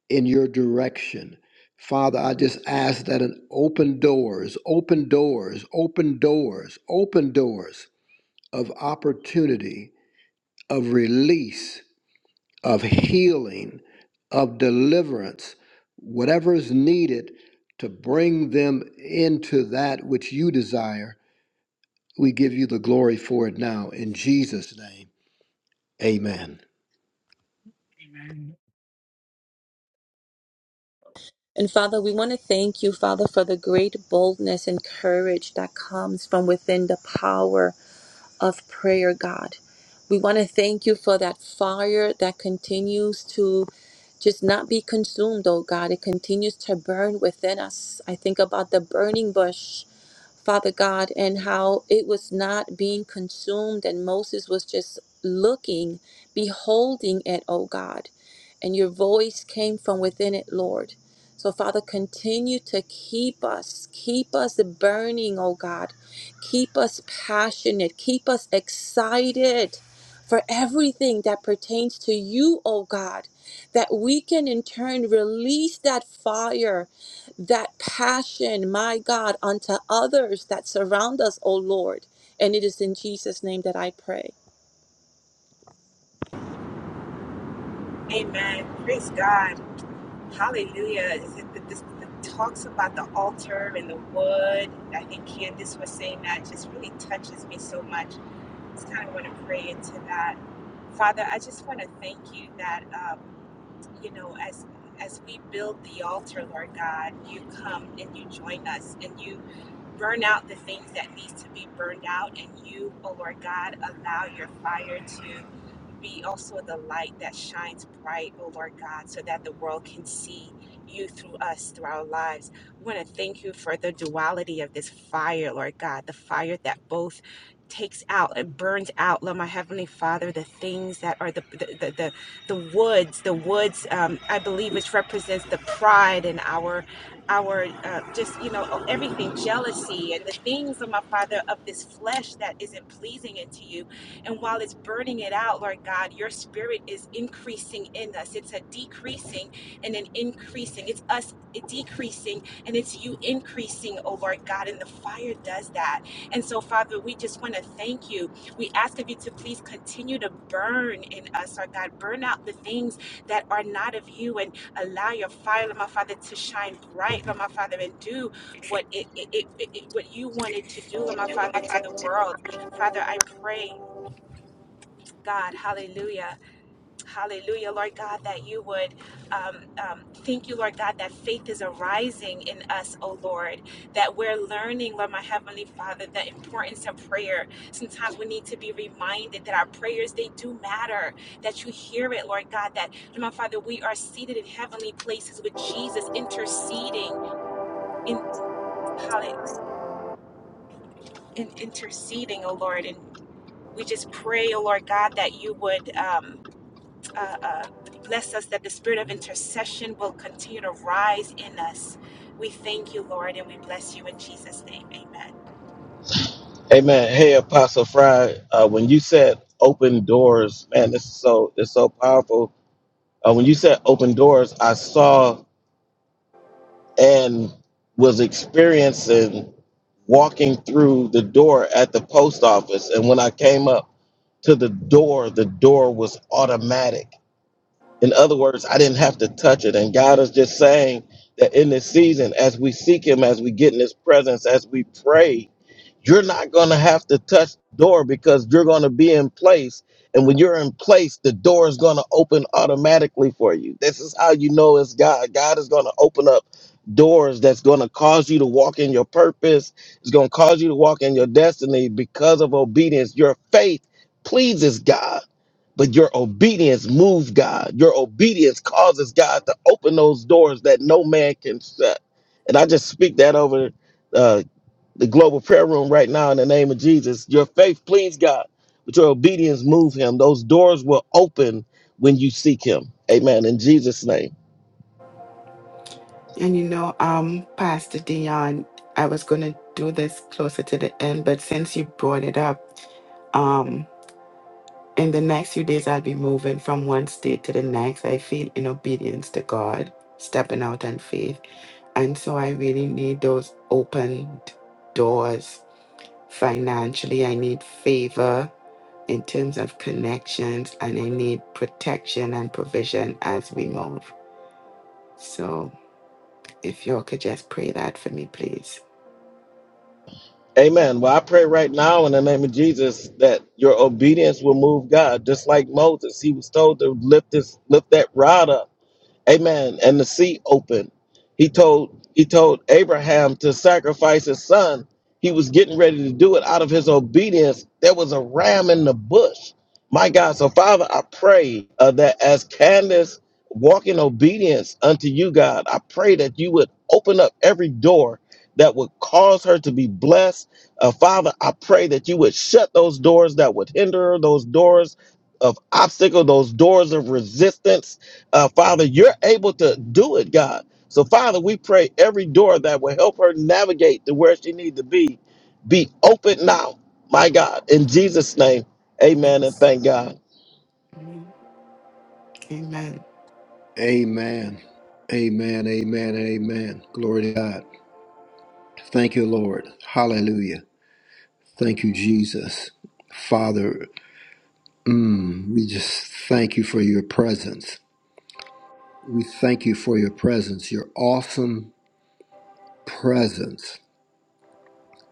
in your direction. Father, I just ask that an open doors, open doors, open doors, open doors of opportunity, of release, of healing, of deliverance, whatever is needed to bring them into that which you desire. We give you the glory for it now. In Jesus' name, amen.
Amen.
And Father, we want to thank you, Father, for the great boldness and courage that comes from within the power of prayer, God. We want to thank you for that fire that continues to just not be consumed, oh God. It continues to burn within us. I think about the burning bush, Father God, and how it was not being consumed, and Moses was just looking, beholding it, oh God. And your voice came from within it, Lord. So, Father, continue to keep us, keep us burning, oh God Keep us passionate. Keep us excited for everything that pertains to you, oh God, that we can in turn release that fire, that passion, my God, unto others that surround us, oh Lord. And it is in Jesus' name that I pray.
Amen. Praise God. Hallelujah. Is it the, this, the talks about the altar and the wood. I think Candice was saying that just really touches me so much. Just kind of want to pray into that. Father, I just want to thank you that. um, you know, as as we build the altar, Lord God, you come and you join us and you burn out the things that needs to be burned out and you oh lord god allow your fire to be also the light that shines bright oh lord god so that the world can see you through us through our lives we want to thank you for the duality of this fire lord god the fire that both takes out and burns out lord my heavenly father the things that are the the, the, the woods. The woods, um, I believe, which represents the pride in our, our uh, just you know everything, jealousy and the things of my Father of this flesh that isn't pleasing unto you. And while it's burning it out, Lord God, your Spirit is increasing in us. It's a decreasing and an increasing. It's us decreasing and it's you increasing, oh Lord God. And the fire does that. And so, Father, we just want to thank you we ask of you to please continue to burn in us, our God. Burn out the things that are not of you and allow your fire, Lord, my Father, to shine bright, Lord, my Father, and do what it, it, it, it- what you wanted to do, Lord, my Father, to the world. Father, I pray, God, hallelujah Hallelujah, Lord God, that you would um, um, thank you, Lord God, that faith is arising in us, oh Lord, that we're learning, Lord, my Heavenly Father, the importance of prayer. Sometimes we need to be reminded that our prayers, they do matter, that you hear it, Lord God, that, Lord, my Father, we are seated in heavenly places with Jesus interceding in, halle- in interceding, oh Lord, and we just pray, oh Lord God, that you would. Um, uh, uh, bless us that the spirit of intercession will continue to rise in us. We thank you, Lord, and we bless you in Jesus' name. Amen.
Amen. Hey, Apostle Fry, uh, when you said open doors, man, this is so it's so powerful. Uh, when you said open doors, I saw and was experiencing walking through the door at the post office, and when I came up. to the door, the door was automatic. In other words, I didn't have to touch it. And God is just saying that in this season, as we seek Him, as we get in His presence, as we pray, you're not going to have to touch the door because you're going to be in place and when you're in place the door is going to open automatically for you this is how you know it's god god is going to open up doors that's going to cause you to walk in your purpose it's going to cause you to walk in your destiny because of obedience your faith pleases god but your obedience moves god your obedience causes god to open those doors that no man can shut and i just speak that over uh, the global prayer room right now in the name of Jesus. Your faith, please God, but your obedience move him. Those doors will open when you seek him. Amen. In Jesus' name.
And you know, um, Pastor Dion, I was gonna do this closer to the end, but since you brought it up, um, in the next few days I'll be moving from one state to the next. I feel in obedience to God, stepping out in faith. And so I really need those open doors financially. I need favor in terms of connections and I need protection and provision as we move. So If y'all could just pray that for me, please.
Amen. Well, I pray right now in the name of Jesus that your obedience will move God. Just like Moses, he was told to lift this, lift that rod up. Amen. And the sea opened. He told he told Abraham to sacrifice his son. He was getting ready to do it out of his obedience. There was a ram in the bush. My God. So Father, I pray uh, that as Candace walk in obedience unto you, God, I pray that you would open up every door that would cause her to be blessed. Uh, Father, I pray that you would shut those doors that would hinder her, those doors of obstacle, those doors of resistance uh, Father, you're able to do it, God. So, Father, we pray every door that will help her navigate to where she needs to be, be open now, my God. In Jesus' name, amen and
Yes.
thank God.
Mm. Amen.
Amen. Amen. Amen. Amen. Glory to God. Thank you, Lord. Hallelujah. Thank you, Jesus. Father, mm, we just thank you for your presence. We thank you for your presence. Your awesome presence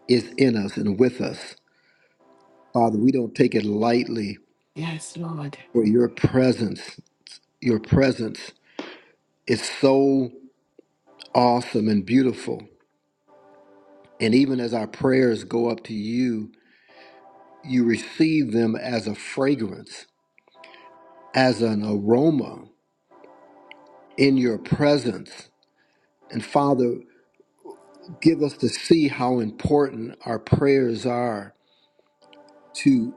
is in us and with us. Father, we don't take it lightly
Yes, Lord.
for your presence. Your presence is so awesome and beautiful. And even as our prayers go up to you, you receive them as a fragrance, as an aroma in your presence And Father, give us to see how important our prayers are to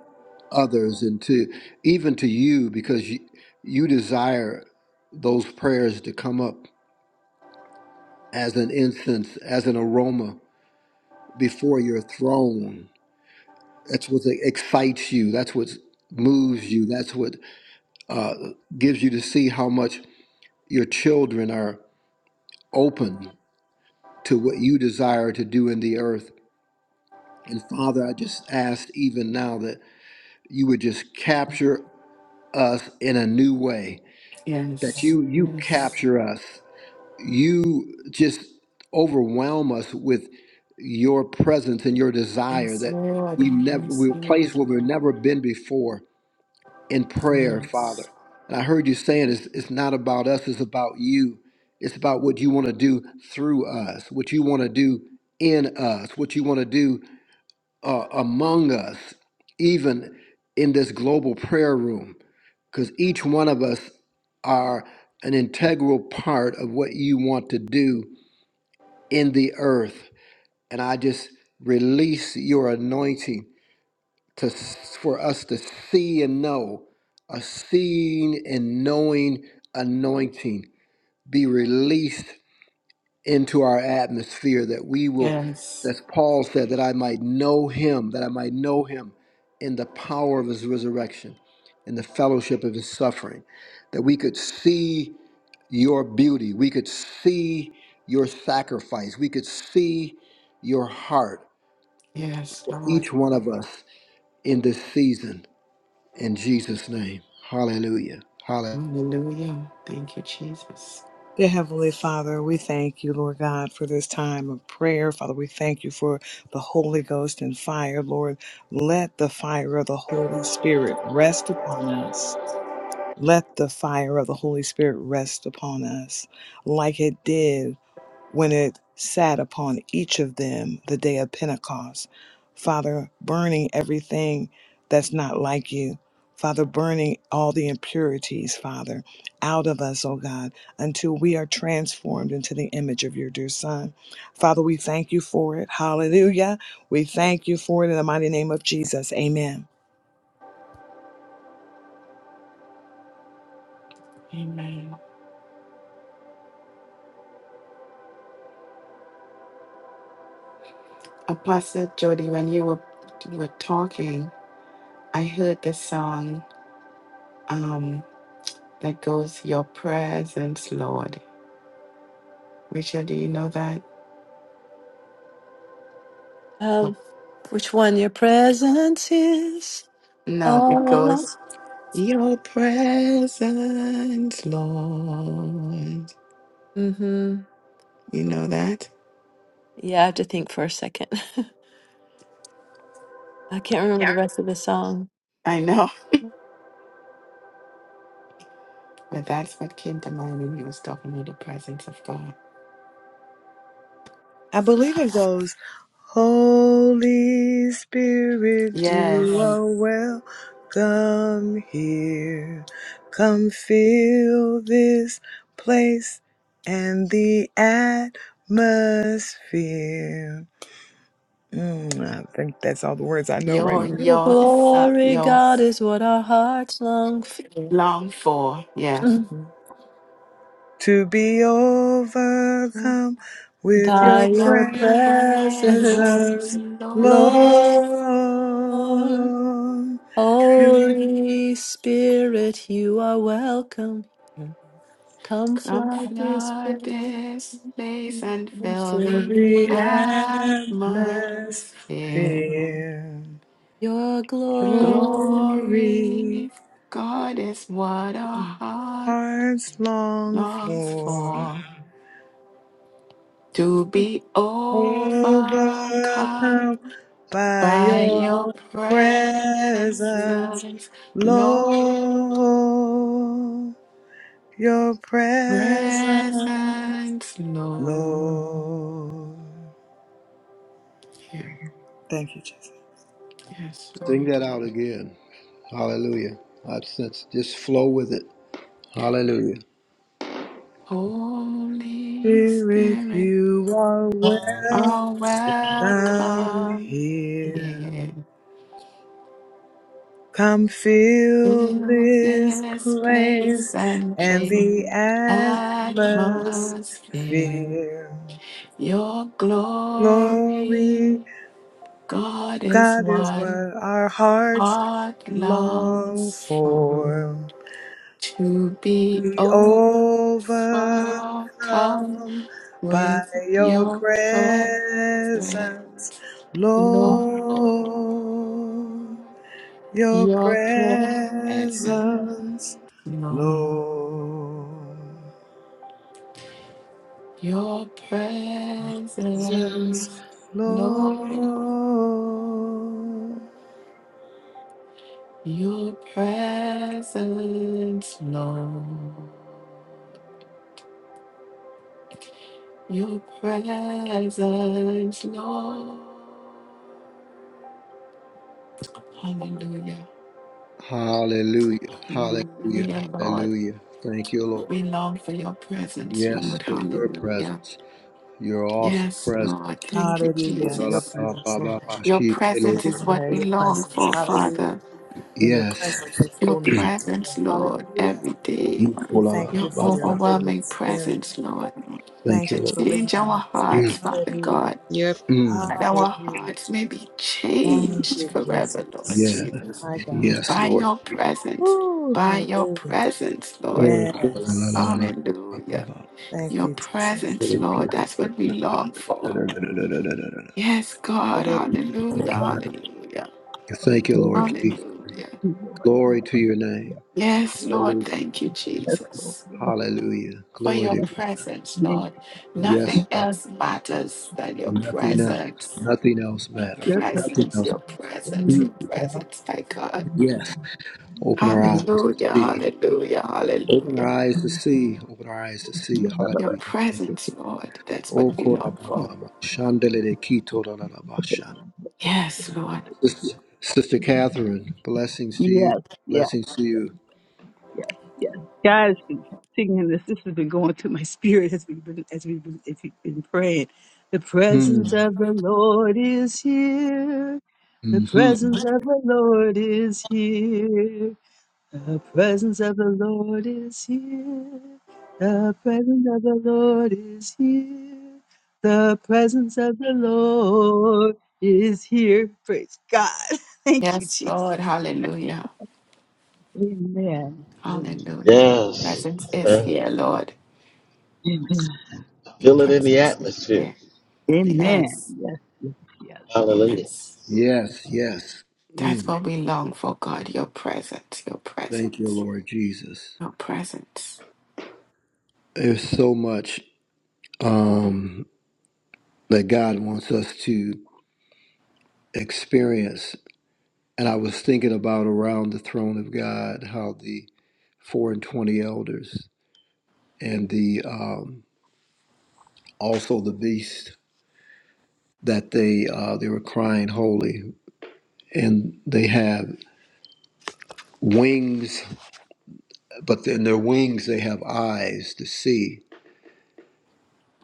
others and to even to you, because you, you desire those prayers to come up as an incense, as an aroma before your throne. That's what excites you. That's what moves you. That's what uh, gives you to see how much your children are open to what you desire to do in the earth. And Father, I just ask even now that. you would just capture us in a new way that
Yes.
you you
Yes.
capture us you just overwhelm us with your presence and your desire
Yes,
that we
Lord.
never
Yes,
we are placed
Lord.
where we've never been before in prayer father
Yes.
and i heard you saying it's, it's not about us it's about you it's about what you want to do through us what you want to do in us what you want to do uh, among us, even in this global prayer room, because each one of us are an integral part of what you want to do in the earth. And I just release your anointing to for us to see and know a seeing and knowing anointing be released into our atmosphere that we will
Yes.
as paul said that i might know him that i might know him in the power of his resurrection in the fellowship of his suffering that we could see your beauty we could see your sacrifice we could see your heart
Yes,
for
Lord.
each one of us in this season in jesus name hallelujah
Hallelujah. Thank you, Jesus.
Dear Heavenly Father, we thank you, Lord God, for this time of prayer. Father, we thank you for the Holy Ghost and fire. Lord, let the fire of the Holy Spirit rest upon us. Let the fire of the Holy Spirit rest upon us like it did when it sat upon each of them the day of Pentecost. Father, burning everything that's not like you. Father, burning all the impurities, Father, out of us, oh God, until we are transformed into the image of your dear Son. Father, we thank you for it. Hallelujah we thank you for it in the mighty name of Jesus. Amen.
Amen. Apostle Jody, when you were you were talking, I heard the song um that goes, Your presence, Lord. Rachel, do you know that?
Um, which one? Your presence is
No,
all
it
along.
goes. Your presence, Lord.
Mm-hmm.
You know that?
Yeah, I have to think for a second. I can't
I
remember the
can't
rest
remember.
of the song.
I know, but that's what came to mind when he was talking about the presence of God.
I believe it goes, Holy Spirit, you
Yes,
are welcome here. Come fill this place and the atmosphere. Mm, I think that's all the words I know right
your
now.
Your
your so-
glory,
your
God, is what our hearts long for.
long for, yeah.
To be overcome with
Of
By
your
your
your
presence,
presence,
presence,
Lord,
Lord.
Lord. Holy Spirit, you are welcome. here. Come
come
flood this
flood
place
this place and
and
fill
fill
Fill
the
The
the air
atmosphere.
in
atmosphere,
your glory.
glory,
Glory, God is what our heart
hearts long
longs
for,
for. To be overcome
overcome by
by your
your
presence,
presence,
Lord.
Lord, your presence,
Presence, Lord.
Lord.
Yeah.
Thank you, Jesus.
Yes,
sing
Lord.
that out again hallelujah i sense just flow with it hallelujah
Holy
Spirit,
Spirit,
you are
are
welcome
welcome.
here. Come fill
Fill
this
this place
place
and
and
change
be
atmosphere.
atmosphere.
Your
Glory,
glory, God is
God is
what
what our hearts
heart
long
longs for.
for.
To be
Be
overcome
overcome by
with
your
your presence,
presence,
Lord.
Lord. Your
Your presence,
presence,
Lord.
Lord.
Your
Jesus,
presence, Lord.
Lord.
Your presence, Lord. Your presence, Lord. Hallelujah.
Hallelujah. Hallelujah.
Hallelujah, Lord.
Hallelujah. Thank you, Lord.
We long for your presence,
Yes,
Lord.
for your
Hallelujah.
presence. Your awesome
Yes,
presence.
Lord. Thank you,
Hallelujah. Your
Jesus.
presence, Lord.
Your
We
presence is what
desire
we
your
long
presence.
for,
Hallelujah.
Father.
In your
Yes.
presence is
Your
fullness of
presence,
joy.
Lord,
Hallelujah.
every day.
We thank you
Your
for your Holy
overwhelming
Spirit.
presence, Lord.
Thank
Thank
you,
to
you
Lord.
for
change our
leading
hearts,
Mm,
us.
Father
Hallelujah.
God,
Your
mm.
that our
Hallelujah.
hearts may be
Thank you,
changed forever, Lord
Jesus.
Yeah.
Jesus,
My God.
Yes,
by
Lord.
your presence,
Woo.
by your
Hallelujah.
presence, Lord.
Oh,
Yes.
Hallelujah.
Thank
Your
you, Jesus.
presence, Lord, that's what we long for. Yes, God,
portal.
hallelujah, hallelujah,
Thank you,
Lord,
Lord. Jesus.
hallelujah.
Lord,
Glory to your name.
Yes, Lord,
Hallelujah.
thank you,
yes, Lord,
Jesus,
Hallelujah.
for
Glory
your
to
yes,
God.
presence,
yes,
Lord. Nothing
Yes,
else matters than your
Nothing
yes,
else.
presence.
Nothing else
Your
matters.
yes,
Nothing
presence,
else.
your presence, your
Mm,
presence, my God.
Yes. Open our
yes,
eyes to
Hallelujah,
see.
hallelujah,
Open our
hallelujah.
eyes to see. Open our eyes to see.
Your
Hallelujah. Thank you.
presence, Lord, that's what
Oh,
we long for.
Korababama. Shandelele Kitolalabashan.
Yes, Lord.
Sister Sister Catherine, blessings to you.
yes,
Blessings to you.
yes. God has been singing this. This has been going through my spirit as we've been as we've been, as we've been praying. The
Mm.
presence of the Lord is here. The
hmm
presence of the Lord is here. The presence of the Lord is here. The presence of the Lord is here. The presence of the Lord is here. Praise God. Thank you,
Yes,
Jesus.
Lord, hallelujah,
Amen. Amen.
hallelujah. Your
Yes.
presence is
Uh,
here, Lord.
Amen.
Your
feel it in the
presence is
atmosphere.
here.
Amen.
Yes,
Yes, yes, yes, yes.
Hallelujah.
yes, Lord.
Yes, yes.
That's
Mm.
what we long for, God. Your presence, your
Thank you,
presence,
Lord Jesus.
your presence.
There's so much um, that God wants us to experience And I was thinking about around the throne of God, how the four and twenty elders and the um, also the beast that they uh, they were crying holy, and they have wings, but in their wings they have eyes to see,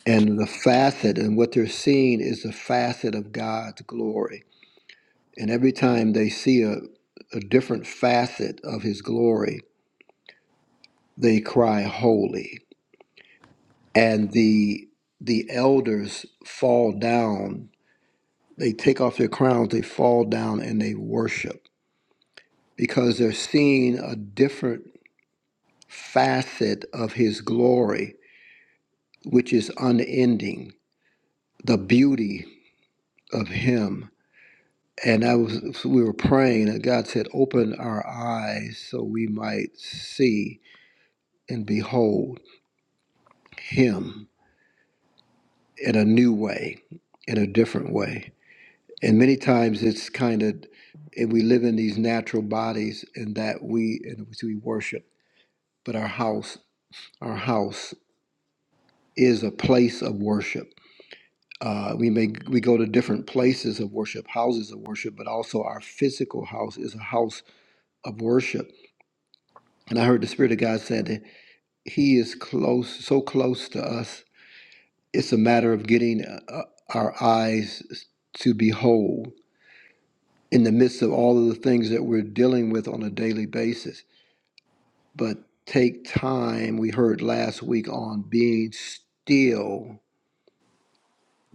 and the facet and what they're seeing is the facet of God's glory. And every time they see a, a different facet of His glory, they cry holy and the the elders fall down they take off their crowns they fall down and they worship because they're seeing a different facet of his glory which is unending the beauty of him and i was we were praying and god said open our eyes so we might see and behold him in a new way in a different way And many times it's kind of, and we live in these natural bodies and that we, in which we worship, but our house, our house is a place of worship. Uh, we may we go to different places of worship, houses of worship, but also our physical house is a house of worship. And I heard the Spirit of God said that He is close, so close to us. It's a matter of getting uh, uh, our eyes to behold in the midst of all of the things that we're dealing with on a daily basis but take time. We heard last week on being still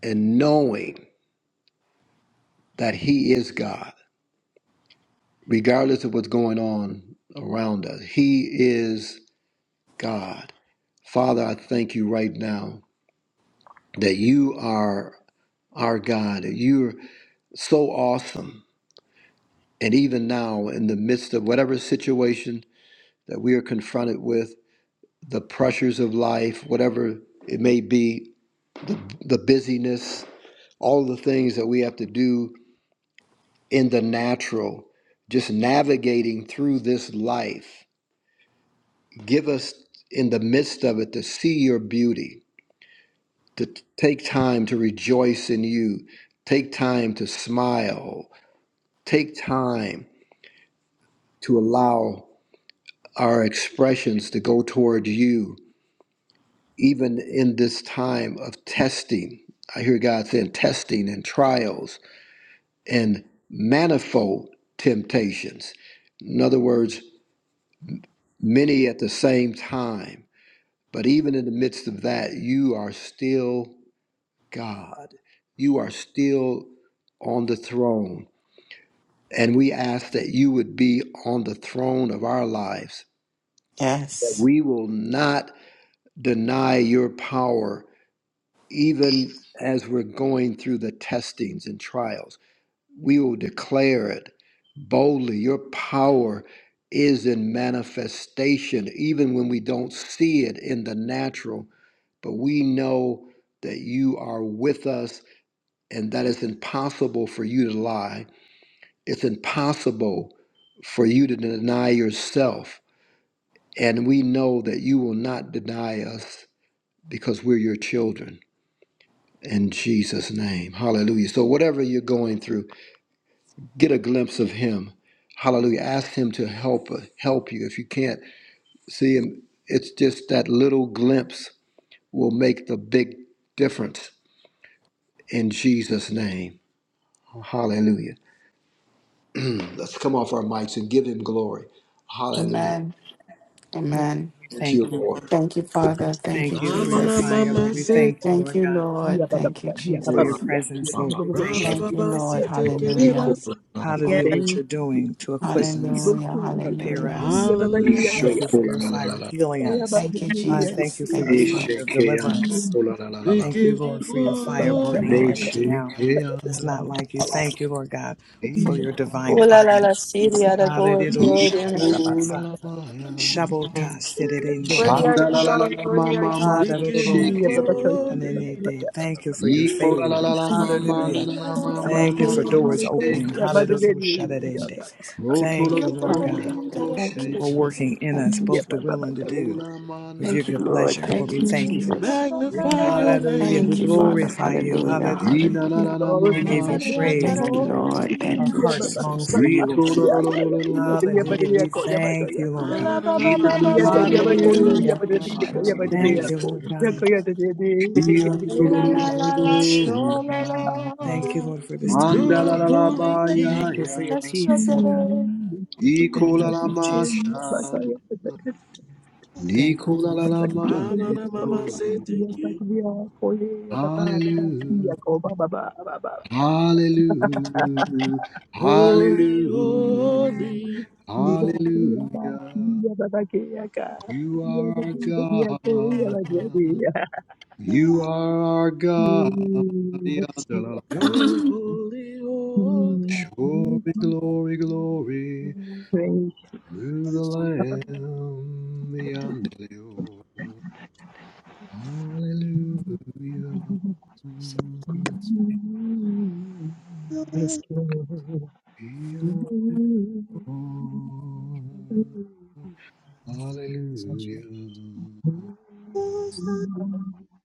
and knowing that He is God, regardless of what's going on around us. He is God. Father, I thank you right now that you are our God, that you're so awesome. And even now, in the midst of whatever situation that we are confronted with, the pressures of life, whatever it may be, the, the busyness, all the things that we have to do in the natural, just navigating through this life. Give us in the midst of it to see your beauty, to t- take time to rejoice in you, take time to smile, take time to allow our expressions to go toward you, even in this time of testing. I hear God saying testing and trials and manifold temptations. In other words, many at the same time. But even in the midst of that, you are still God. You are still on the throne. And we ask that you would be on the throne of our lives, that
Yes.
we will not deny your power, even as we're going through the testings and trials we will declare it boldly. Your power is in manifestation, even when we don't see it in the natural. But we know that you are with us and that it's impossible for you to lie. It's impossible for you to deny yourself. And we know that you will not deny us because we're your children. In Jesus' name. Hallelujah. So, whatever you're going through, get a glimpse of him hallelujah ask him to help uh, help you if you can't see him it's just that little glimpse will make the big difference in jesus name hallelujah let's come off our mics and give him glory hallelujah
Amen. Amen.
We
thank you
Thank you.
lord
Thank you, Father.
We
Thank you,
thank you for your
Ramana
Jesus.
fire, Lord.
mama
We
sit,
thank you,
Thank
Lord
you,
God.
Yeah,
Lord.
ba, ba, ba,
Thank you,
ba, yeah, ba,
for
ba, ba,
your
Ora,
Jesus.
yeah, yeah,
presence,
ba,
Lord.
ba, ba,
We
ba, ba,
thank you.
Yes,
Thank you,
yes,
rababa
Lord.
sit,
yes, Lord.
iko,
Hallelujah.
kerebasa.
la, ba, ba,
Hallelujah, what
Thank
you're
you.
doing to equip
i-
us,
Even
Hallelujah.
cool
to
to the
prepare
Hallelujah.
us.
yeah, ba, ba, yeah, ka,
Hallelujah.
isho,
Thank you
yeah,
ko,
ba,
for
la,
your
ba,
la, la,
ba,
fire
la,
ba,
healing
la.
yeah, ba,
us.
ba,
Thank you,
yeah,
I
yeah, ka,
thank you
Jesus.
for
yeah.
your
Thank you, Lord.
fire
Eshe,
of
ke,
Yeah,
ando,
deliverance.
ko, la, la, la, la,
We
la.
Thank you,
give you
Lord, for your fire
Thank you,
burning
Lord.
glory.
everything
Neshe,
out
ke,
that's not
ando,
like you. Thank you, Lord God, for
i-
your
Oh
divine
la la la,
utterance.
see the other glory,
Hallelujah.
glory.
iko,
to
la, la, la, la.
you.
Shabota sedede
Worthy are
Shanda
you,
la
kabush.
la la
Lord,
la ma
worthy are
ma ma
We give you
shakeo.
And then they
glory.
Thank you for your
Iko la la
favor.
la la ma ma la
Hallelujah.
la la ma ma
Thank you
ma
Thank you,
for
ma ma
doors
Jesus.
opening.
Thank you,
shakeo.
Jesus.
Hallelujah. Shut
Thank you, Jesus.
Roto lo
Thank
lo
you,
lo
Lord
lo lo
God,
lo
Hallelujah.
lo
Thank you,
for
shea.
Jesus.
working in us,
Thank you,
both
Jesus.
the will
you.
and the do
Ola ma
of your
Thank you,
na.
good
Lord.
pleasure. Lord,
Thank
we
you,
thank you.
Jesus.
Magnify your name.
Hallelujah. We
Thank you, Father.
glorify
Somebody
you.
Hallelujah.
Hallelujah.
Ina la la
Hallelujah.
la ma
We give
ma
you
out there,
praise,
shande.
Thank
I
oh
you,
could
God.
have
Lord.
somebody
Our
Thank
out
you,
there. I
hearts
call
long
it.
Jesus.
for you, oh
Rito lo lo
God.
lo lo lo lo lo lo.
Hallelujah. We thank you, Lord
Ah,
Ooh, La
Na
God.
na
ba
na,
ba
Ina
ba
la
Mama
ba
la
ba
la
say,
dee,
take
ba
la
it.
la
ba
la
ba
la
ba,
Thank
ma
Hallelujah.
you,
ma
Lord
somebody out there.
shande.
da,
Thank
da.
you,
Jesus.
Lord God.
Iando
Ooh,
lo
La
lo lo
la
Hallelujah.
lo
We
la la,
bless
lo
you.
so
lo.
la la.
Thank you, Lord, for this time
Manda
with
la
You're
you.
la la ba
holy
ya
Thank
king.
you
ya.
for your
That's so
peace, oh God.
good.
Mm, Thank you for your
Iko
Thank
la
you,
la
presence,
ma
Lord.
Jesus.
Yeah, like
sha.
I am the second.
Thank you.
I'm like, yeah,
Nikolalaman.
Ah,
so you
Na
have
na,
to find
mama
your place, yes, like
sitiki
we are for you. Yeah, ba, ba, ba, ba.
Hallelujah.
Yeah, go, ba, ba, ba, ba, ba, ba, ba.
Hallelujah.
Holy,
Hallelujah.
Mm,
holy.
we don't see a ba,
Hallelujah.
yeah, ba, ba, okay, yeah, ga.
You
Yeah,
are
ba,
our
ba, ba, yeah, go, yeah,
God.
ba, yeah, yeah.
You are our God.
Mm, yes, you are.
Yandalalama.
You're holy, holy.
Mm, mm,
Glory,
mm.
glory, glory
Praise
to the
God.
Lamb. Yandelio. Hallelujah.
Mm, yes, Lord.
Om.
Mm,
Hallelujah.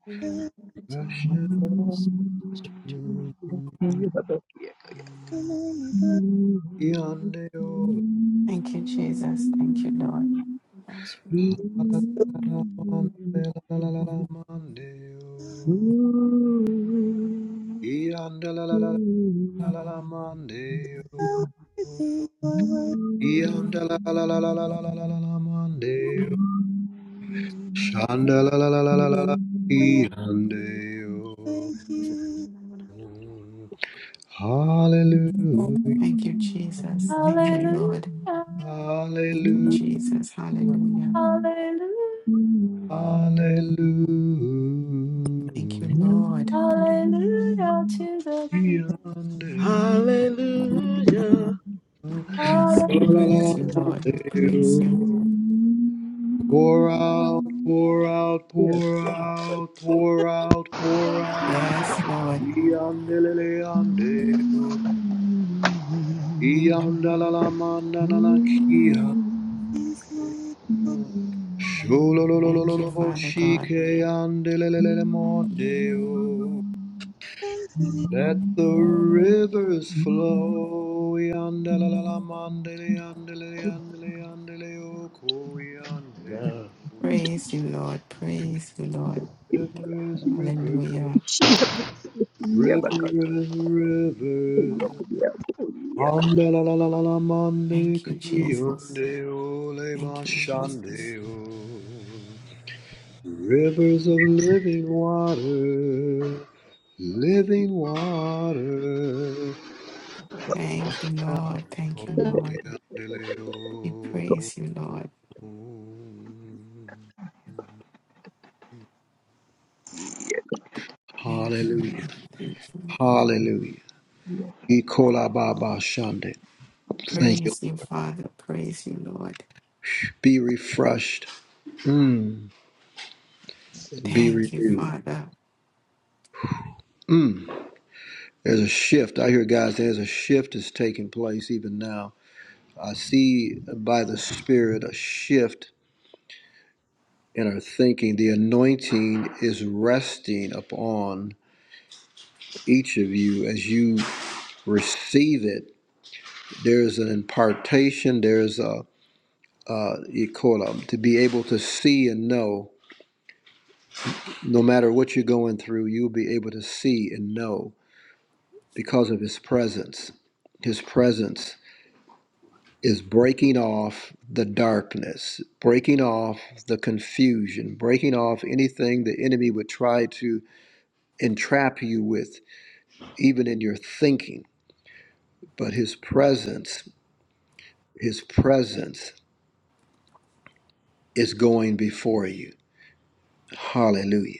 Everyone, continue.
Russia.
Thank
Yandeo.
Thank you, Jesus. Thank you, Lord.
Last one.
Hallelujah. Yandalalamandeo. Yandalalamandeo. Shandalalalala.
Pres-
Yandeo.
Disappointed, I'm gonna have to-
Hallelujah.
Thank you, Jesus. Thank you, Lord.
Hallelujah.
Thank you,
Hallelujah,
Jesus. Hallelujah.
Hallelujah.
hallelujah.
Thank you, Lord.
Hallelujah to the King.
Yonder,
you.
Hallelujah.
Yes,
Hallelujah
we praise you, Lord. We praise you.
Pour out, pour out,
Yes,
pour
Lord.
out, pour out, pour
to the King.
out.
Yes, Lord.
Yonder, yonder. Yonder, la Yandele, yande, yandala, manana, kiande.
Thank you,
Sholololololo,
Father God.
shike, yandele, monde. Let the rivers flow. Yandele mandele yandele yandele yandele yoko yandele.
Now,
Praise you, Lord. Praise you, Lord.
Rivers, rivers,
Hallelujah.
rivers, rivers. Andele mande
Thank you, Jesus.
kiyonde ole
Thank you,
mashande
Jesus.
o. Rivers of living water, living water.
Thank you, Lord. Thank you, Lord. We praise you, Lord. Thank you,
Hallelujah.
Lord. Thank you. Lord.
Hallelujah. Ikola Baba Shande. Thank you.
Praise you, Father. Praise you, Lord.
Be refreshed. Mm. Be
Thank you,
renewed.
Father.
Mm. There's a shift. I hear guys, there's a shift that's taking place even now. I see by the Spirit a shift in our thinking. The anointing is resting upon each of you as you receive it there is an impartation there is a uh, you call it, um, to be able to see and know no matter what you're going through you'll be able to see and know because of his presence his presence is breaking off the darkness breaking off the confusion breaking off anything the enemy would try to entrap you with even in your thinking but his presence his presence is going before you hallelujah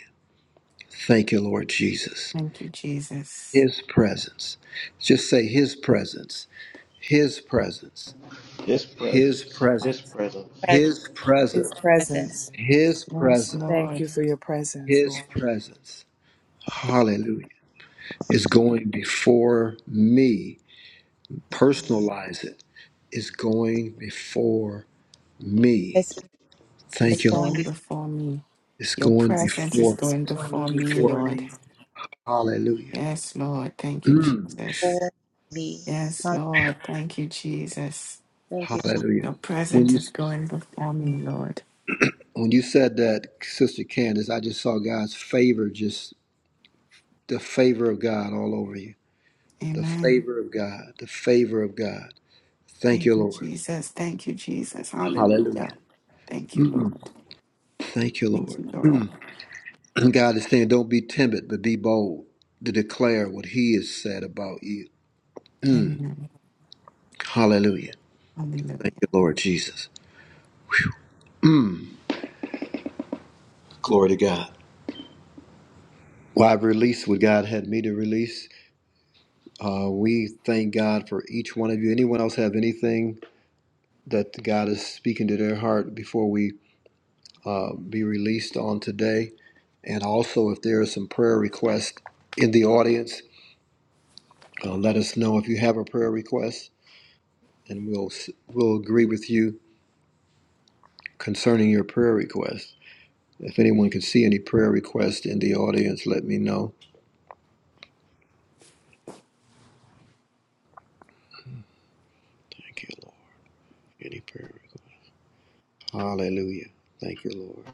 Thank you, Lord Jesus.
Thank you, Jesus.
His presence. Just say His presence. His presence.
his
His
presence, His
presence.
presence.
His presence.
His
Presence.
presence.
His
Yes,
presence.
Thank you
Lord,
for your presence, Lord.
His presence. Hallelujah. Is going before me. Personalize it. Is going before me.
This is
is
Thank you,
going
going
Lord.
before me.
It's
Your
going
presence
Presence
before.
is
is
going
me.
going
before me,
before.
before
Lord.
me.
Hallelujah.
Yes, Lord. Thank you,
Mm.
Jesus.
before me.
Yes,
Hallelujah.
Lord. Thank you, Jesus.
Thank you, Jesus.
Hallelujah.
Your
When
presence
you
is going before me, Lord.
When you said that, Sister Candace, I just saw God's favor, just the favor of God all over you. The
Amen.
favor of God, the favor of God. Thank you,
Thank you,
Lord.
Jesus. Thank you, Jesus. Hallelujah.
Hallelujah.
Thank you, Lord.
Thank you,
Thank
Lord.
you, Lord.
God is saying, don't be timid, but be bold to declare what He has said about you.
Amen.
Hallelujah. Thank
Hallelujah.
you, Lord Jesus. Glory to God. Well, I've released what God had me to release. Uh, we thank God for each one of you. Anyone else have anything that God is speaking to their heart before we? uh, be released on today. And also, if there are some prayer requests in the audience, uh, let us know if you have a prayer request, and we'll we'll agree with you concerning your prayer request. If anyone can see any prayer requests in the audience, let me know. Thank you, Lord. Any prayer request? Hallelujah. Thank you, Lord.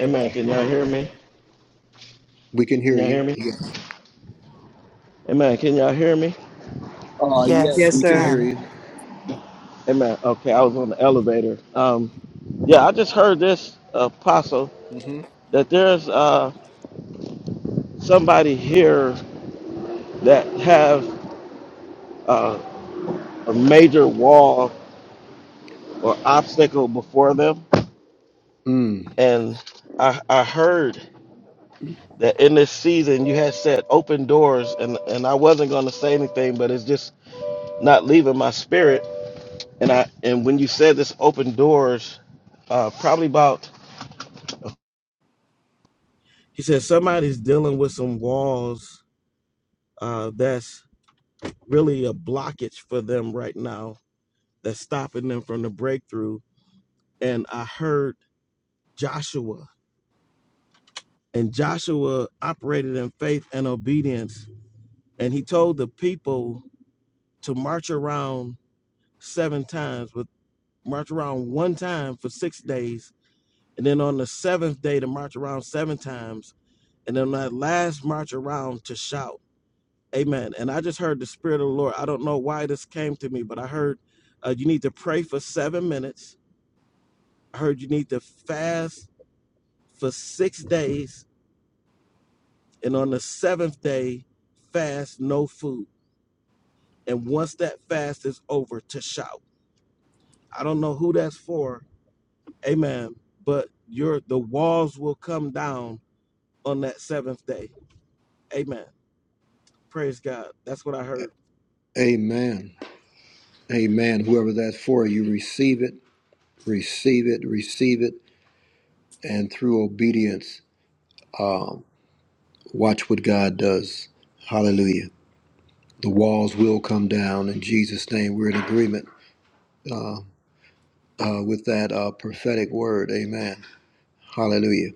Amen. Can y'all hear me?
We can
Can
hear
y'all hear
you.
me?
Yes.
Amen. Can y'all hear me?
Oh, yes,
Yes,
Yes,
we
we can
sir.
hear
can.
you.
Amen. Okay, I was on the elevator. Um, yeah, I just heard this apostle
mm hmm
that there's uh somebody here that have uh. a major wall or obstacle before them.
Mm.
And I, I heard that in this season you had set open doors and, and I wasn't gonna say anything, but it's just not leaving my spirit. And I and when you said this open doors, uh, probably about he said somebody's dealing with some walls uh, that's really a blockage for them right now that's stopping them from the breakthrough. And I heard Joshua And Joshua operated in faith and obedience. And he told the people to march around seven times, with march around one time for six days. And then on the seventh day to march around seven times. And then on that last march around to shout. Amen. And I just heard the Spirit of the Lord. I don't know why this came to me, but I heard uh, you need to pray for seven minutes. I heard you need to fast for six days. And on the seventh day, fast no food And once that fast is over, to shout. I don't know who that's for. Amen. But your the walls will come down on that seventh day. Amen. Praise God. That's what I heard.
Amen. Amen. Whoever that's for, you receive it, receive it, receive it and through obedience, um, watch what God does. Hallelujah. The walls will come down in Jesus' name. We're in agreement uh, uh, with that uh, prophetic word. Amen. Hallelujah.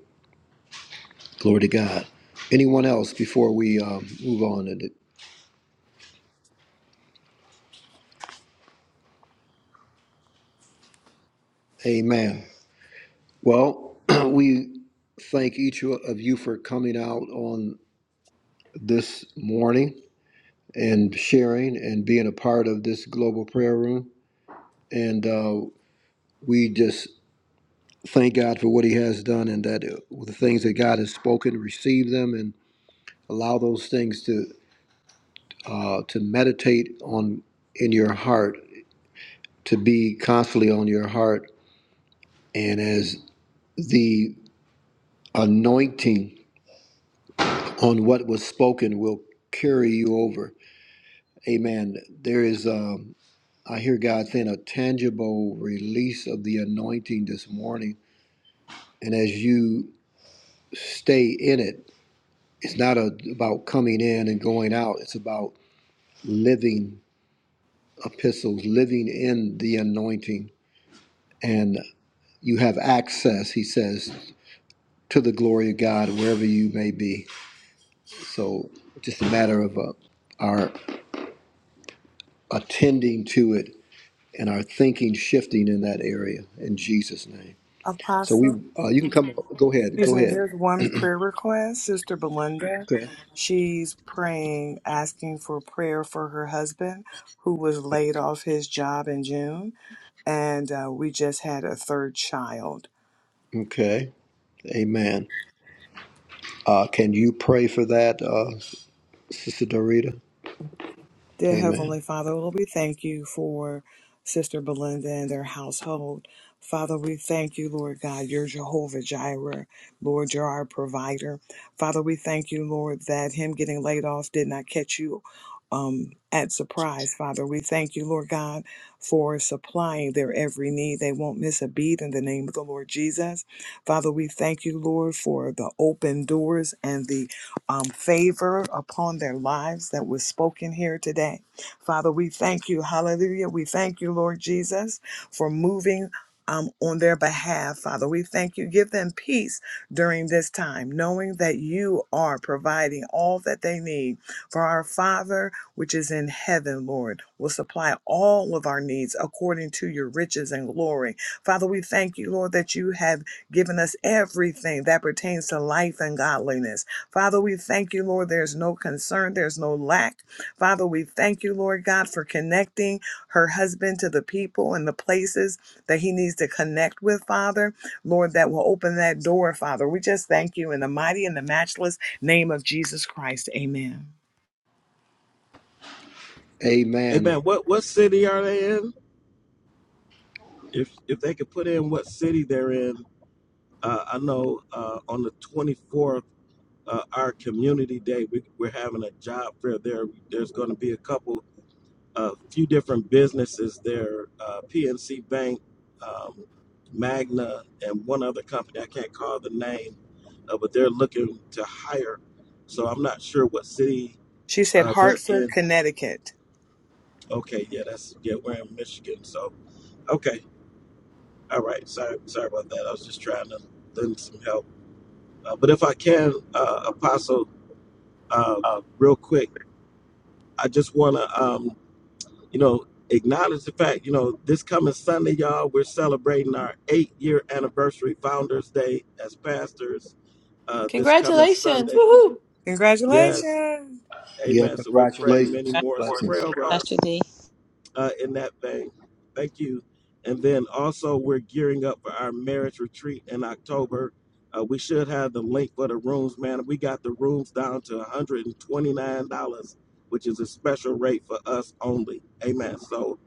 Glory to God. Anyone else before we um, move on? And Amen. Well, we thank each of you for coming out on this morning and sharing and being a part of this global prayer room. And uh, we just thank God for what He has done and that uh, the things that God has spoken, receive them and allow those things to uh, to meditate on in your heart, to be constantly on your heart, and as the anointing on what was spoken will carry you over. Amen. There is. Um, I hear God saying a tangible release of the anointing this morning, and as you stay in it, it's not a, about coming in and going out. It's about living epistles, living in the anointing, and you have access, he says, to the glory of God wherever you may be. So, just a matter of uh, our attending to it and our thinking shifting in that area in Jesus' name. So we,
Apostle.
uh, you can come. Go ahead.
Excuse
Go
me,
ahead.
there's one prayer request. Sister Belinda,
Okay.
she's praying, asking for prayer for her husband who was laid off his job in June. And uh, we just had a third child.
Okay. Amen. Uh, can you pray for that, uh, Sister Dorita?
Dear
Amen.
Heavenly Father, Lord, we thank you for Sister Belinda and their household. Father, we thank you, Lord God. You're Jehovah Jireh. Lord, you're our provider. Father, we thank you, Lord, that him getting laid off did not catch you um, at surprise. Father, we thank you, Lord God, for supplying their every need. They won't miss a beat in the name of the Lord Jesus. Father, we thank you, Lord, for the open doors and the um, favor upon their lives that was spoken here today. Father, we thank you. Hallelujah. We thank you, Lord Jesus, for moving. Um, on their behalf, Father, we thank you. Give them peace during this time, knowing that you are providing all that they need. For our Father, which is in heaven, Lord, will supply all of our needs according to your riches and glory. Father, we thank you, Lord, that you have given us everything that pertains to life and godliness. Father, we thank you, Lord. There's no concern, there's no lack. Father, we thank you, Lord God, for connecting her husband to the people and the places that he needs to connect with, Father. Lord, that will open that door, Father. We just thank you in the mighty and the matchless name of Jesus Christ. Amen.
Amen.
Amen.
What what city are they in? If if they could put in what city they're in, uh, I know uh, on the twenty fourth, uh, our community day, we, we're having a job fair there. There's going to be a couple a few different businesses there uh, PNC Bank, um, Magna, and one other company. I can't call the name, uh, but they're looking to hire. So I'm not sure what city
She said,
uh, they're
Hartford,
in.
Connecticut.
Okay, yeah, that's yeah, we're in Michigan. So okay, all right. Sorry, sorry about that. I was just trying to lend some help. Uh, but if I can, uh, Apostle, uh, real quick, I just want to. um, you know, acknowledge the fact, you know, this coming Sunday, y'all, we're celebrating our eight year anniversary, Founders Day, as pastors uh, this coming
Congratulations.
Sunday.
Woohoo.
Yes.
Congratulations.
Yeah.
Amen. So we're praying many
Congratulations.
more. So
Blessings.
pray over us
Pastor D.
uh, in that vein. Thank you. And then also, we're gearing up for our marriage retreat in October. Uh, we should have the link for the rooms, man. We got the rooms down to $129, which is a special rate for us only. Amen. So,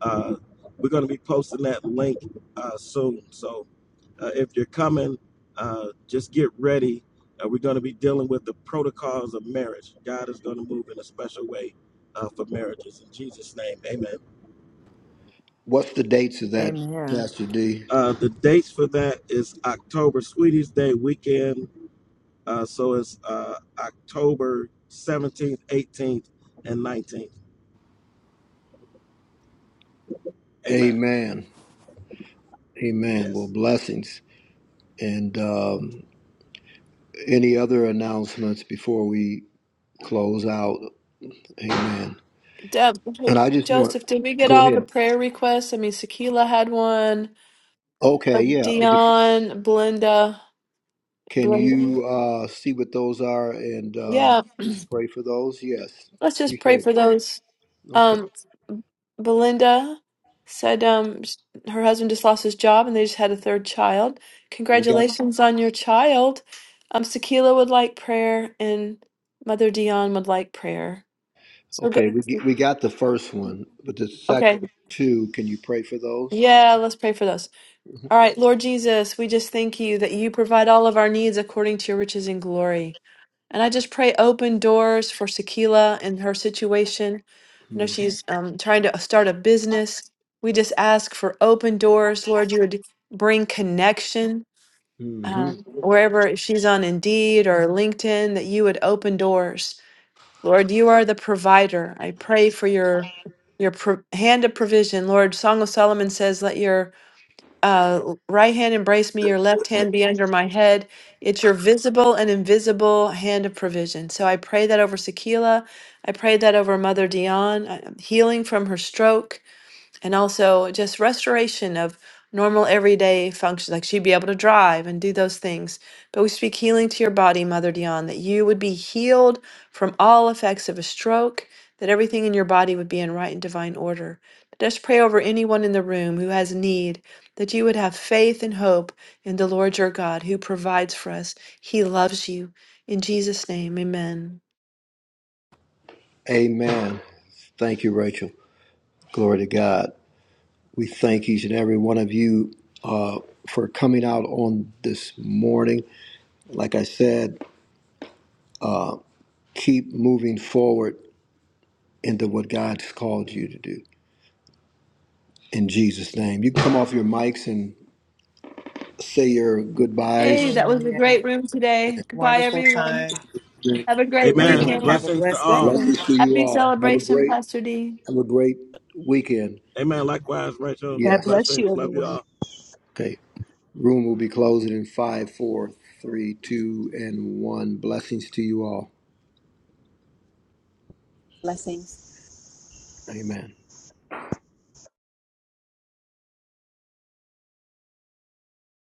uh, we're going to be posting that link uh, soon. So, uh, if you're coming, uh, just get ready. Uh, we're going to be dealing with the protocols of marriage. God is going to move in a special way uh, for marriages. In Jesus' name, amen.
What's the dates of that,
Amen.
Pastor D?
Uh, the dates for that is October Sweeties Day weekend. Uh, so it's uh, October 17th, 18th, and 19th. Amen.
Amen. Amen. Well,
Yes.
blessings. And um, any other announcements before we close out? Amen.
Deb,
And I just want,
Joseph, did we get
go
all the
ahead.
prayer requests? I mean, Sakila had one.
Okay,
uh,
yeah. Oh, The-
Dion, Belinda,
Can
Belinda.
you uh, see what those are and
Yeah,
uh, pray for those? Yes.
Let's just pray
Appreciate it.
for those.
Okay.
Um, Belinda said um, s- her husband just lost his job and they just had a third child.
We got,
Congratulations on your child. Um, Sakila would like prayer and Mother Dion would like prayer. So go-
okay, we, get- we got the first one, but the
Okay.
second two, can you pray for those?
Yeah, let's pray for those. All right, Lord Jesus, we just thank you that you provide all of our needs according to your riches and glory. And I just pray open doors for Sakila and her situation. I know she's um, trying to uh, start a business. We just ask for open doors. Lord, you would bring connection
Mm-hmm.
um, wherever she's on Indeed or LinkedIn, that you would open doors. Lord, you are the provider. I pray for your your pro- hand of provision. Lord, Song of Solomon says, "Let your uh, right hand embrace me, your left hand be under my head. It's your visible and invisible hand of provision. So I pray that over Sakila. I pray that over Mother Dion, uh, healing from her stroke and also just restoration of normal everyday functions like she'd be able to drive and do those things but we speak healing to your body mother dion that you would be healed from all effects of a stroke that everything in your body would be in right and divine order just pray over anyone in the room who has need that you would have faith and hope in the lord your god who provides for us he loves you in jesus name amen
Amen. Thank you, Rachel. Glory to God. We thank each and every one of you uh, for coming out on this morning. Like I said, keep moving forward into what God's called you to do. In Jesus' name, you can come off your mics and say your
hey
goodbyes.
that was a
Amen.
great room today goodbye
Wonderful
everyone
time.
have a great
Bye.
Amen.
Everyone,
weekend
have
everyone.
a
Blessings to
blessed
all.
day.
Blessings to you
Happy
all. Have a
celebration,
great,
Pastor D.
have a great weekend.
Amen. Likewise, Rachel.
God
Yes.
bless
Blessings.
you,
Love you
everyone.
all.
Okay. Room will be closing in five, four, three, two, and one. Blessings to you all.
Blessing.
Amen.